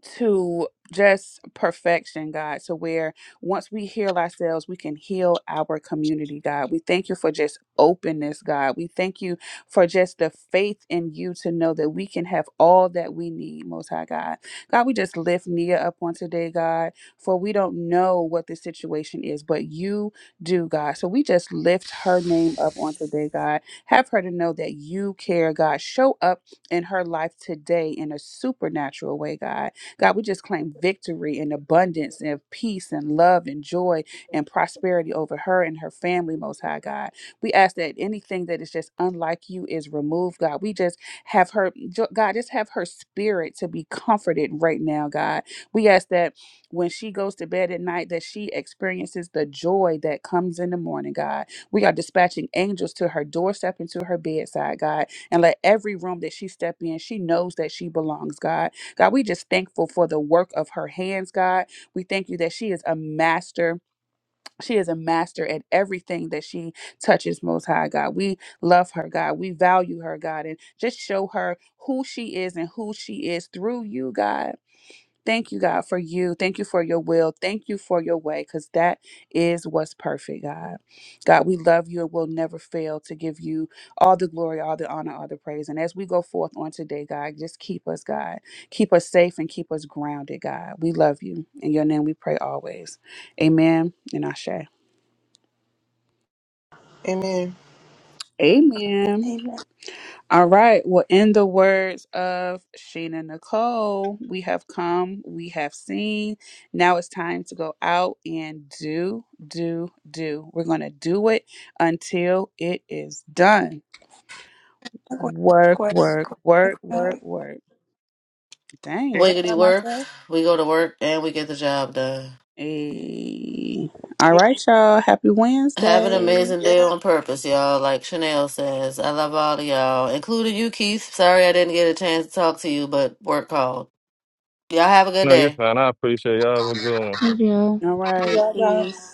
Speaker 1: to just perfection, God, to where once we heal ourselves, we can heal our community, God. We thank you for just openness, God. We thank you for just the faith in you to know that we can have all that we need, Most High God. God, we just lift Nia up on today, God, for we don't know what the situation is, but you do, God. So we just lift her name up on today, God. Have her to know that you care, God. Show up in her life today in a supernatural way, God God, we just claim victory and abundance and peace and love and joy and prosperity over her and her family, Most High God. We ask that anything that is just unlike you is removed, God. We just have her, jo- God, just have her spirit to be comforted right now, God. We ask that when she goes to bed at night, that she experiences the joy that comes in the morning, God. We are dispatching angels to her doorstep and to her bedside, God, and let every room that she step in, she knows that she belongs, God God, we just thankful for the work of her hands, God. We thank you that she is a master. She is a master at everything that she touches, Most High God. We love her, God. We value her, God, and just show her who she is and who she is through you, God. Thank you, God, for you. Thank you for your will. Thank you for your way, because that is what's perfect, God. God, we love you and will never fail to give you all the glory, all the honor, all the praise. And as we go forth on today, God, just keep us, God. Keep us safe and keep us grounded, God. We love you. In your name we pray always. Amen and Ashe.
Speaker 3: Amen.
Speaker 1: Amen.
Speaker 9: Amen.
Speaker 1: All right. Well, in the words of Sheena Nicole, we have come, we have seen. Now it's time to go out and do, do, do. We're going to do it until it is done. Work, work, work, work, work. Dang, was I by
Speaker 5: Wiggity work.
Speaker 1: myself?
Speaker 5: We go to work and we get the job done.
Speaker 1: Hey. All right, y'all. Happy
Speaker 5: Have an
Speaker 1: Wednesday.
Speaker 5: amazing
Speaker 3: Yeah.
Speaker 5: day on purpose, y'all. Like Chanel says, I love all of y'all, including you, Keith. Sorry I didn't get a chance to talk to you, but work called. Y'all have a good
Speaker 8: no, you're
Speaker 5: day.
Speaker 8: fine. I appreciate y'all. Have a good one.
Speaker 10: Maybe.
Speaker 1: All right. Peace.